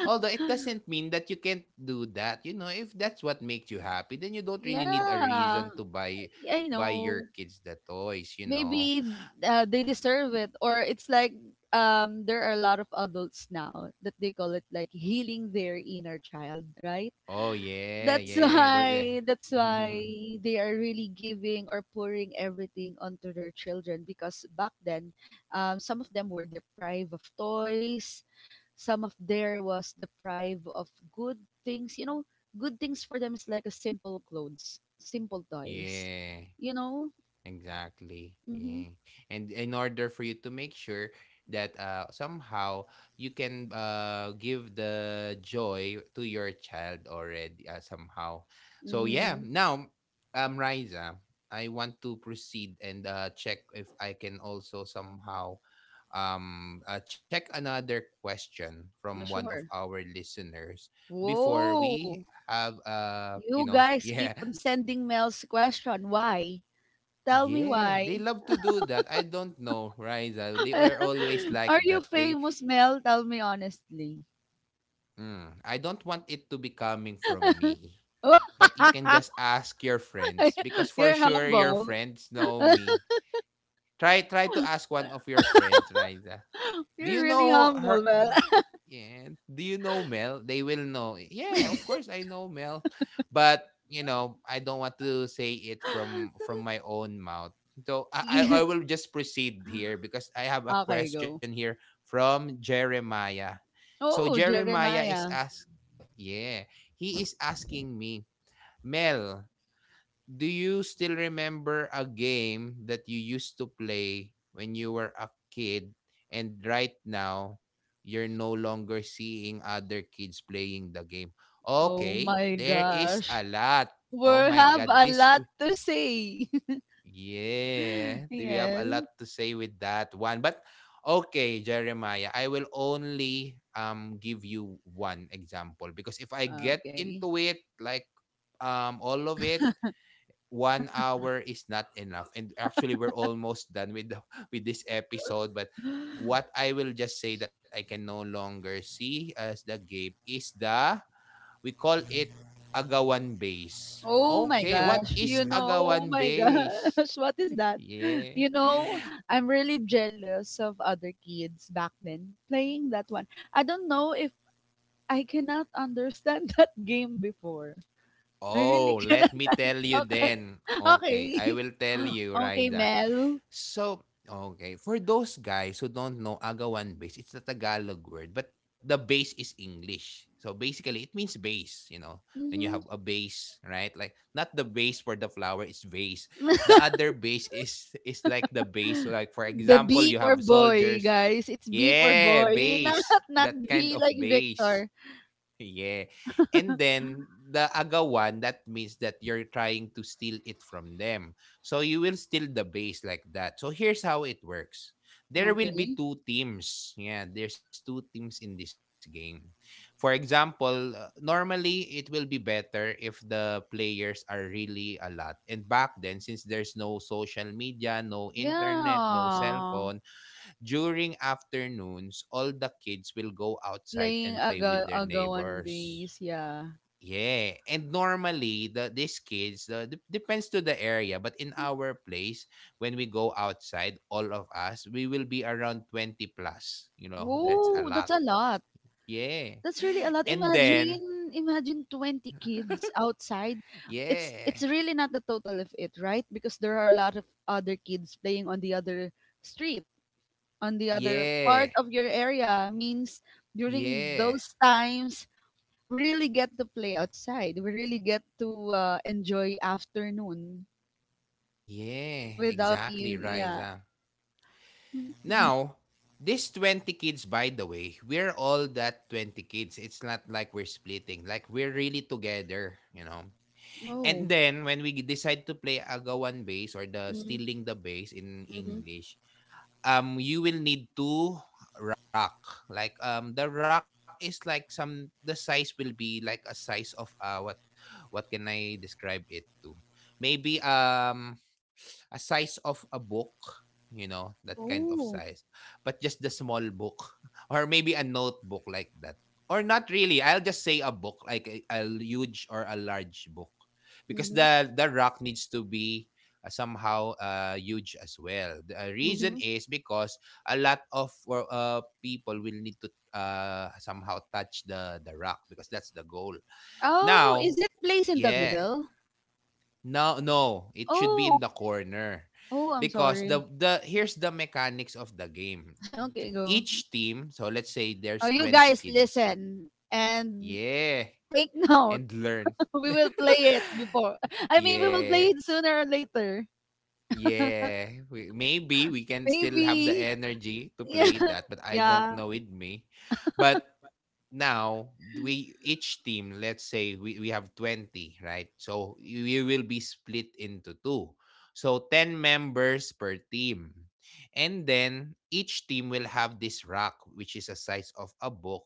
Although it doesn't mean that you can't do that. You know, if that's what makes you happy, then you don't really need a
Yeah,
reason to buy
I
buy
know.
your kids the toys.
Maybe they
Mm.
deserve it, or it's like there are a lot of adults now that they call it like healing their inner child, right?
Oh, yeah,
that's
yeah. Yeah.
why that's why
[laughs]
they are really giving or pouring everything onto their children because back then, some of them were deprived of toys, some of there was deprived of good things, you know. Good things for them is like a simple clothes, simple toys,
Yeah.
you know.
Exactly.
Mm-hmm.
Yeah. And in order for you to make sure that, somehow you can, give the joy to your child already, somehow. So yeah,
Mm-hmm.
now, Riza, I want to proceed and, check if I can also somehow, check another question from one of
Sure.
our listeners before we
Whoa.
have,
You
[laughs]
guys
yeah.
keep on sending Mel's question. Why? Tell me
Yeah,
why.
they love to do that. I don't know, Riza. They are always
[laughs]
like
Are you
that.
famous, Mel? Tell me honestly.
I don't want it to be coming from me.
[laughs]
But you can just ask your friends because for
You're
sure your
humble.
friends know me. Try to ask one of your friends, Riza. Do
You're
you
really
know
humble,
her?
Mel.
Yeah. Do you know Mel? They will know. Yeah, of course I know Mel, but you know I don't want to say it from
[laughs]
my own mouth. So I
Yeah.
I I will just proceed here because I have a
Okay, go.
question here from Jeremiah. So
Oh,
Jeremiah is
Jeremiah.
ask. Yeah, he is asking me, Mel, do you still remember a game that you used to play when you were a kid and right now you're no longer seeing other kids playing the game?
Oh
Okay,
my
there is a
gosh.
lot.
We
Oh my
have
god,
a lot to say. [laughs]
yeah, we have a lot
yes.
to say with that one. But okay, Jeremiah, I will only give you one example because if I get
Okay.
into it like all of it, 1 hour is not enough. And actually, we're almost done with [laughs] with this episode. But what I will just say that I can no longer see as the gape is the we call it agawan base.
Oh my
Okay, what
gosh,
is
you know, oh
agawan
my [laughs]
base?
gosh, what is that?
Yeah.
You know,
[gasps]
I'm really jealous of other kids back then playing that one. I don't know if I cannot understand [laughs] that game before. I really
Oh,
cannot.
let me tell
[laughs]
you
Okay.
then. Okay, I
Okay.
will tell
[gasps]
you,
Okay,
Raisa.
Mel.
So, okay. For those guys who don't know agawan base, it's a Tagalog word, but the base is English. So basically, it means base, when you have
hmm
a base, right? Like, not the base for the flower, it's vase. The other base is [laughs] is like the base. So, like, for
The
example,
B
you have
for boy,
soldiers.
guys. It's B for
Yeah,
boy, [laughs] not
base.
not
That kind of
V like
base.
Victor.
[laughs] Yeah. And then the agawan, that means that you're trying to steal it from them. So you will steal the base like that. So here's how it works. There will
Okay.
be two teams. Yeah, there's two teams in this game. For example, normally it will be better if the players are really a lot. And back then, since there's no social media, no internet, no cell
Yeah.
phone. During afternoons, all the kids will go outside
Playing
and play with their
agawan
neighbors.
base, yeah.
Yeah, and normally these kids depends to the area, but in our place, when we go outside, all of us we will be around 20 plus. You know, that's a
Whoa,
lot.
that's a lot.
Yeah,
That's really a
and
lot.
then
Imagine, imagine 20 kids outside.
yeah,
It's really not the total of it, right? Because there are a lot of other kids playing on the other street, on the other
yeah,
part of your area. Means during
yeah,
those times, we really get to play outside. We really get to enjoy afternoon
yeah,
without
exactly,
you. Yeah.
Riza. Now, these 20 kids, by the way, we're all that 20 kids. It's not like we're splitting. Like, we're really together, you know? And
Oh.
then, when we decide to play agawan bass or the
Mm-hmm.
stealing the bass in English, you will need to rock like the rock is like some, the size will be like a size of what can I describe it to, maybe a size of a book, you know, that kind of
Oh.
size, but just the small book. [laughs] Or maybe a notebook like that, or not really, I'll just say a book like a huge or a large book, because the rock needs to be somehow huge as well. The reason
Mm-hmm.
is because a lot of people will need to somehow touch the rock, because that's the goal.
Oh,
Now,
is it place in the
yeah,
middle?
no, no, it should be
Oh,
in the corner
oh, I'm
because
sorry.
the here's the mechanics of the game.
[laughs] okay, go.
Each team, so let's say
Oh,
there's
you
20
guys
kids.
listen and
Yeah,
take note.
and learn.
[laughs] we
[laughs]
will play it before. I mean, we will play
yeah.
it sooner or later.
Yeah, we, maybe we can still have the
Maybe.
energy to
Yeah.
play
[laughs]
that, but I don't
Yeah.
know with me. But now, we each team, let's say we have 20, right? So you will be split into two. So 10 members per team. And then each team will have this rack, which is a size of a book,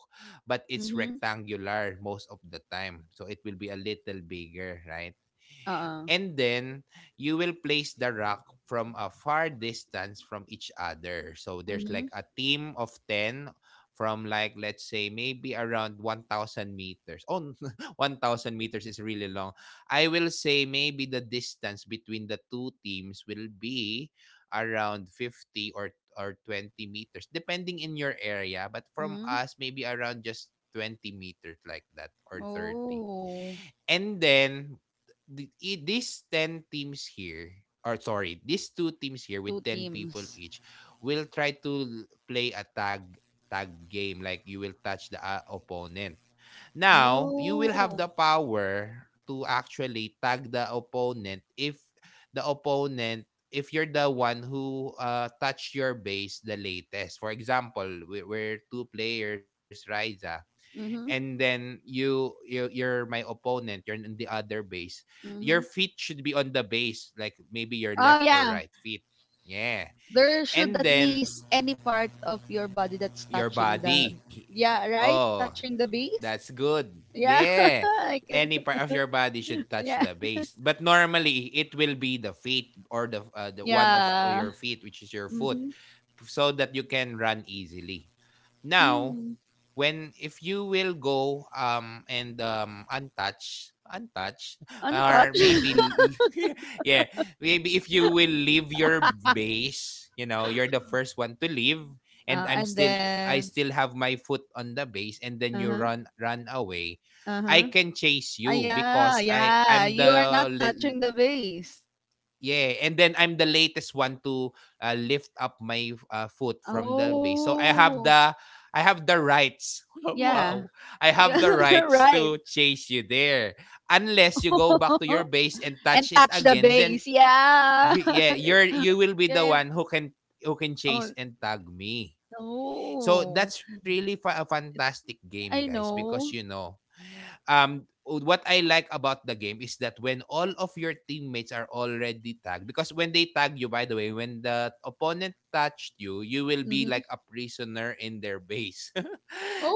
but it's
Mhm.
rectangular most of the time. So it will be a little bigger, right?
Uh-uh.
And then you will place the rock from a far distance from each other. So there's like
Mhm.
a team of ten from, like, let's say maybe around 1,000 meters. Oh, [laughs] 1,000 meters is really long. I will say maybe the distance between the two teams will be around 50 or 20 meters depending in your area, but from
Mhm.
us maybe around just 20 meters like that or 30.
Oh,
And then these 10 teams here, or sorry, these two teams here
two
with 10 people
teams.
each will try to play a tag game, like you will touch the opponent. Now, you will have the
Oh.
power to actually tag the opponent if you're the one who touch your base the latest. For example, we're two players, Riza, and
Mhm.
then you're my opponent. You're in the other base. Your
Mhm.
feet should be on the base, like maybe your
Oh
left or
yeah.
right feet. Yeah.
There should
And
at
then
least any part of your body that's
your
touching the
body.
yeah, right,
Oh,
touching the
that's
base,
good.
yeah.
Yeah.
[laughs] I
Any
can,
part of your body should touch the
yeah,
base, but normally it will be the feet or the one of
yeah.
your feet, which is your foot,
Mm-hmm.
so that you can run easily. Now,
Mm.
when if you will go and untouched, [laughs] or
Untouched.
maybe [laughs] yeah, maybe if you will leave your base, you're the first one to leave,
[laughs]
and i'm
And
still i
then
still have my foot on the base, and then you
uh-huh,
run away. I
uh-huh.
can chase
Ah,
you
yeah,
because i
yeah,
i'm
you
the.
are not touching the base.
Yeah, and then I'm the latest one to lift up my foot from the base. So I have
Oh,
the rights. [laughs]
yeah.
Wow. I have
Yeah.
the
[laughs]
rights
right.
to chase you there. Unless you go back to your
[laughs]
base and
And
touch it
touch the
again, then
base, yeah.
yeah, you will be
[laughs]
the
and
one who can
oh
chase and tag me. So
no.
that's really a fantastic
It's
game,
I
guys, because
know.
um what I like about the game is that when all of your teammates are already tagged, because when they tag you, by the way, when the opponent touched you, you will be
Mhm.
like a prisoner in their base. [laughs]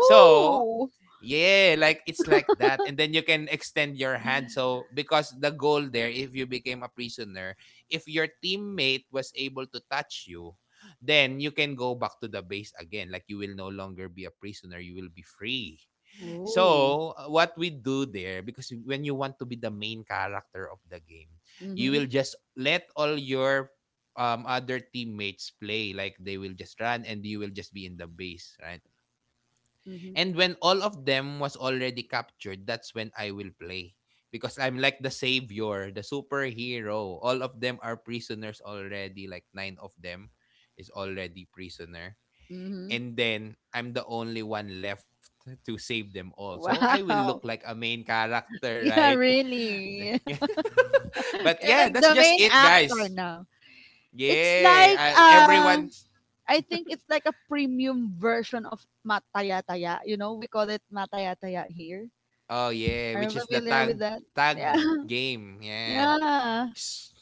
So, yeah, like it's like that. And then you can extend your hand. So, because the goal there, if you became a prisoner, if your teammate was able to touch you, then you can go back to the base again. Like, you will no longer be a prisoner, you will be free.
Oh.
So, what we do there, because when you want to be the main character of the game, you
Mhm.
will just let all your other teammates play. Like, they will just run and you will just be in the base, right?
Mhm.
And when all of them was already captured, that's when I will play. Because I'm like the savior, the superhero. All of them are prisoners already. Like, nine of them is already prisoner,
Mhm.
and then I'm the only one left to save them all. So I will look like
Wow. [laughs]
a main character, right?
Yeah,
[laughs]
really.
Yeah.
[laughs]
But yeah,
You're like
that's
the
just
main
it, guys.
actor now. It's like
Yeah, everyone's.
I think it's like a premium version of matayataya. You know, we call it matayataya here.
Oh yeah,
Are
which
you
is the
familiar with
tag
that?
tag
Yeah. [laughs]
game. Yeah.
Yeah.
S-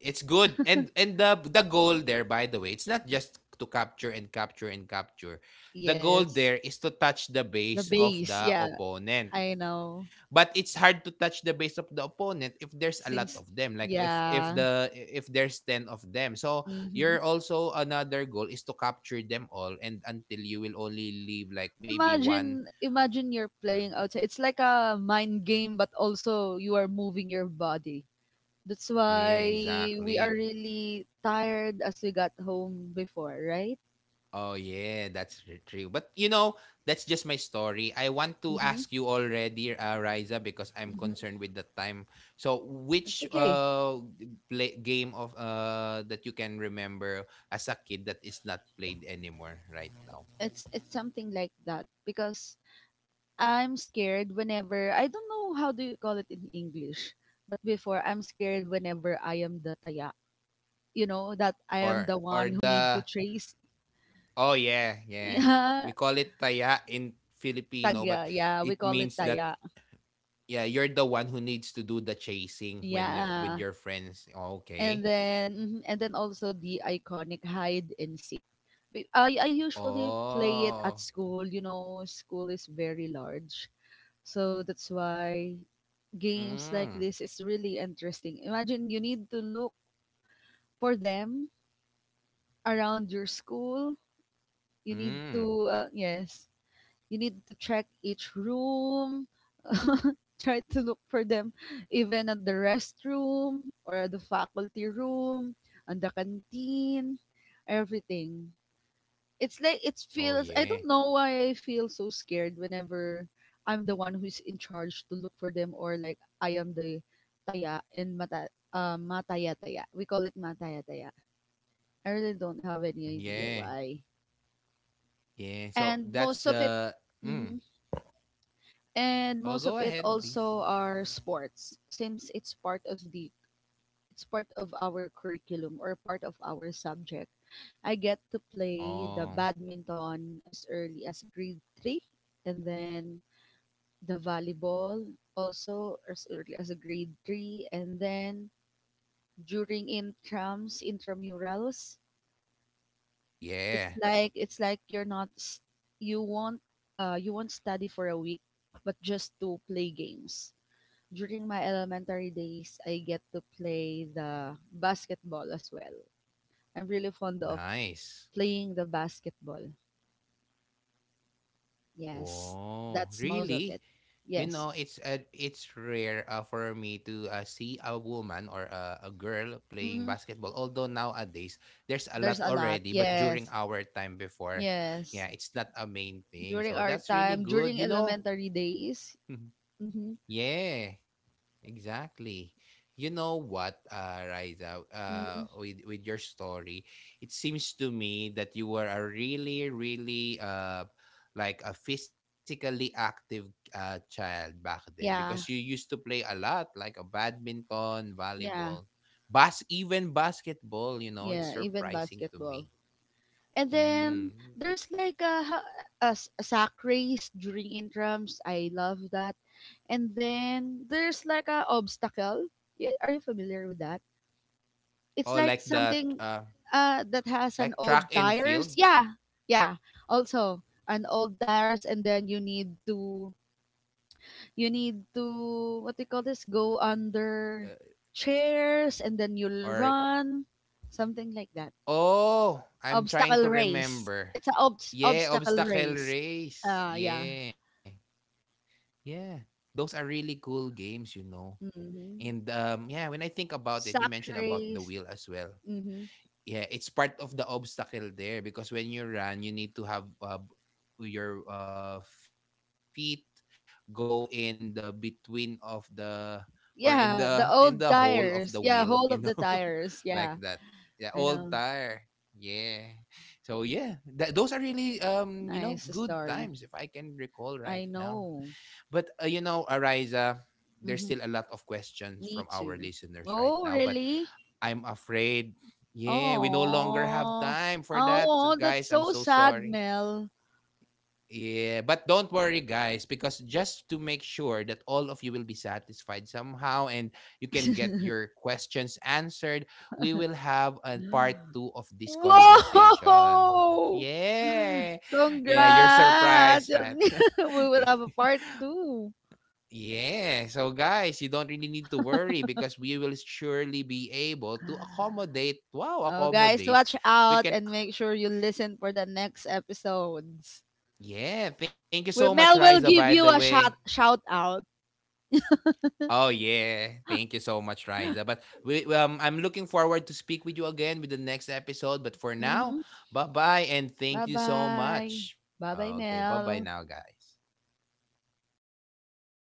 It's good. And the goal there, by the way, it's not just to capture and capture and capture. The goal
Yes.
there is to touch the
The
base of
base.
the
Yeah,
opponent.
I know.
But it's hard to touch the base of the opponent if there's a lot
Since
of them, like,
yeah.
if there's ten of them, so
Mhm.
you're also, another goal is to capture them all, and until you will only leave like maybe one.
Imagine you're
Mm,
playing outside. It's like a mind game, but also you are moving your body. That's
yeah,
why we are
exactly.
really tired as we got home before, right?
Oh yeah, that's true. But you know, that's just my story. I want to
Mhm.
ask you already, Riza, because I'm
Mhm.
concerned with the time. So,
It's
which
okay.
game of that you can remember as a kid that is not played anymore right now,
It's something like that because I'm scared whenever I don't know how do you call it in English, but before I'm scared whenever I am the taya. You know that I am the
or
one who need
the.
to trace.
Oh yeah,
[laughs]
yeah, we
Yeah,
call it taya in Filipino, but
tagya. Yeah, we
it
call it
means that,
taya.
yeah, you're the one who needs to do the chasing when, with
Yeah,
your friends.
and
Okay.
then mhm, and then also the iconic hide and seek. I usually play it at
Oh.
school. You know, school is very large, so that's why
Mm,
games like this is really interesting. Imagine you need to look for them around your school. You need to
mm.
yes, you need to check each room, [laughs] try to look for them, even at the restroom or the faculty room, on the canteen, everything. It's like
Oh
it
yeah.
feels I don't know why I feel so scared whenever I'm the one who's in charge to look for them, or like I am the taya and mataya taya. We call it mataya taya. I really don't have
Mm,
any
yeah.
idea why.
Yeah. So
And
that's
most of
the
it.
mm.
Mhm.
Oh,
And
go
most of it
ahead, please.
also are sports, since it's part of the it's part of our curriculum or part of our subject. I get to play
Oh,
the badminton as early as grade 3, and then the volleyball also as early as grade 3, and then during intrams intramurals,
yeah.
it's like you're not s- you won't you won't study for a week but just to play games. During my elementary days, I get to play the basketball as well. I'm really fond of
Nice.
playing the basketball.
Whoa.
Yes,
Really?
that's
You
most
know,
of it.
it's
Yes.
rare, for me to see a woman or a girl playing basketball. Although
hmm
nowadays there's a lot already,
There's
but
a lot.
during our
Yes.
time before, yeah, it's not
Yes.
a main thing. So that's
During our
really good.
time,
You
during
know.
elementary days.
[laughs]
Mm-hmm.
Yeah. Exactly. You know what, Riza,
Mm-hmm.
with your story, it seems to me that you were a really, really, like a physically active child back then, because you
Yeah.
used to play a lot, like a badminton,
Yeah.
volleyball, bas even basketball. It's
Yeah. Even
surprising to
basketball.
me.
And then
Mm.
there's like a, a sack race during intrams. I love that. And then there's like a obstacle. Are you familiar with that? It's
Oh,
like
like that,
something that has an
like
old
track and
tires.
field,
Yeah. Yeah. Also an old tires, and then you need to what do you call this? Go
uh,
under chairs
or.
and then you'll run. Something like that.
Oh, I'm trying
Obstacle
to
race.
remember.
It's an
Yeah,
obstacle
obstacle
race.
race.
Yeah.
Yeah. Yeah. Those are really cool games, you know. And
Mm-hmm.
yeah, when I think about it, you mentioned
Sack
about the wheel
race.
as well.
Mm-hmm.
Yeah, it's part of the obstacle there because when you run, you need to have your feet go in the between of the, or in the hole of the
Yeah, the
wheel, you
old
know, [laughs]
tires. Yeah,
like
whole of the
that. Yeah,
tires.
old
Yeah,
tire.
I know.
Yeah. So yeah, those are really good times if
Nice
I can
story.
recall right now.
I
But
know.
Ariza, there's still a lot of
Mhm.
questions from our
Me
listeners
too.
right now, but
Oh, really?
I'm afraid. Yeah, we no longer have
Oh.
time for that.
Oh,
Guys,
that's
I'm so
so sad,
sorry.
Mel.
Yeah, but don't worry, guys, because just to make sure that all of you will be satisfied somehow and you can get your questions answered, we will have a part
[gasps]
two of this conversation.
Whoa!
Yeah. Yeah, you're
Congrats!
surprised, right?
[laughs] we will have a
[laughs]
part two.
Yeah. So guys, you don't really need to worry because we will surely be able to accommodate. Wow,
Oh, guys,
accommodate.
watch
We
out
can.
and make sure you listen for the next episodes.
Yeah, thank you so
We,
much,
Mel
Riza,
will
by
give
the
you a
way.
shout out.
Oh yeah, thank you so much, Riza. But we I'm looking forward to speak with you again with the next episode, but for now,
hmm
bye-bye and
Bye
thank you so
bye.
much.
Bye bye,
Okay, bye-bye
Mel.
now, guys.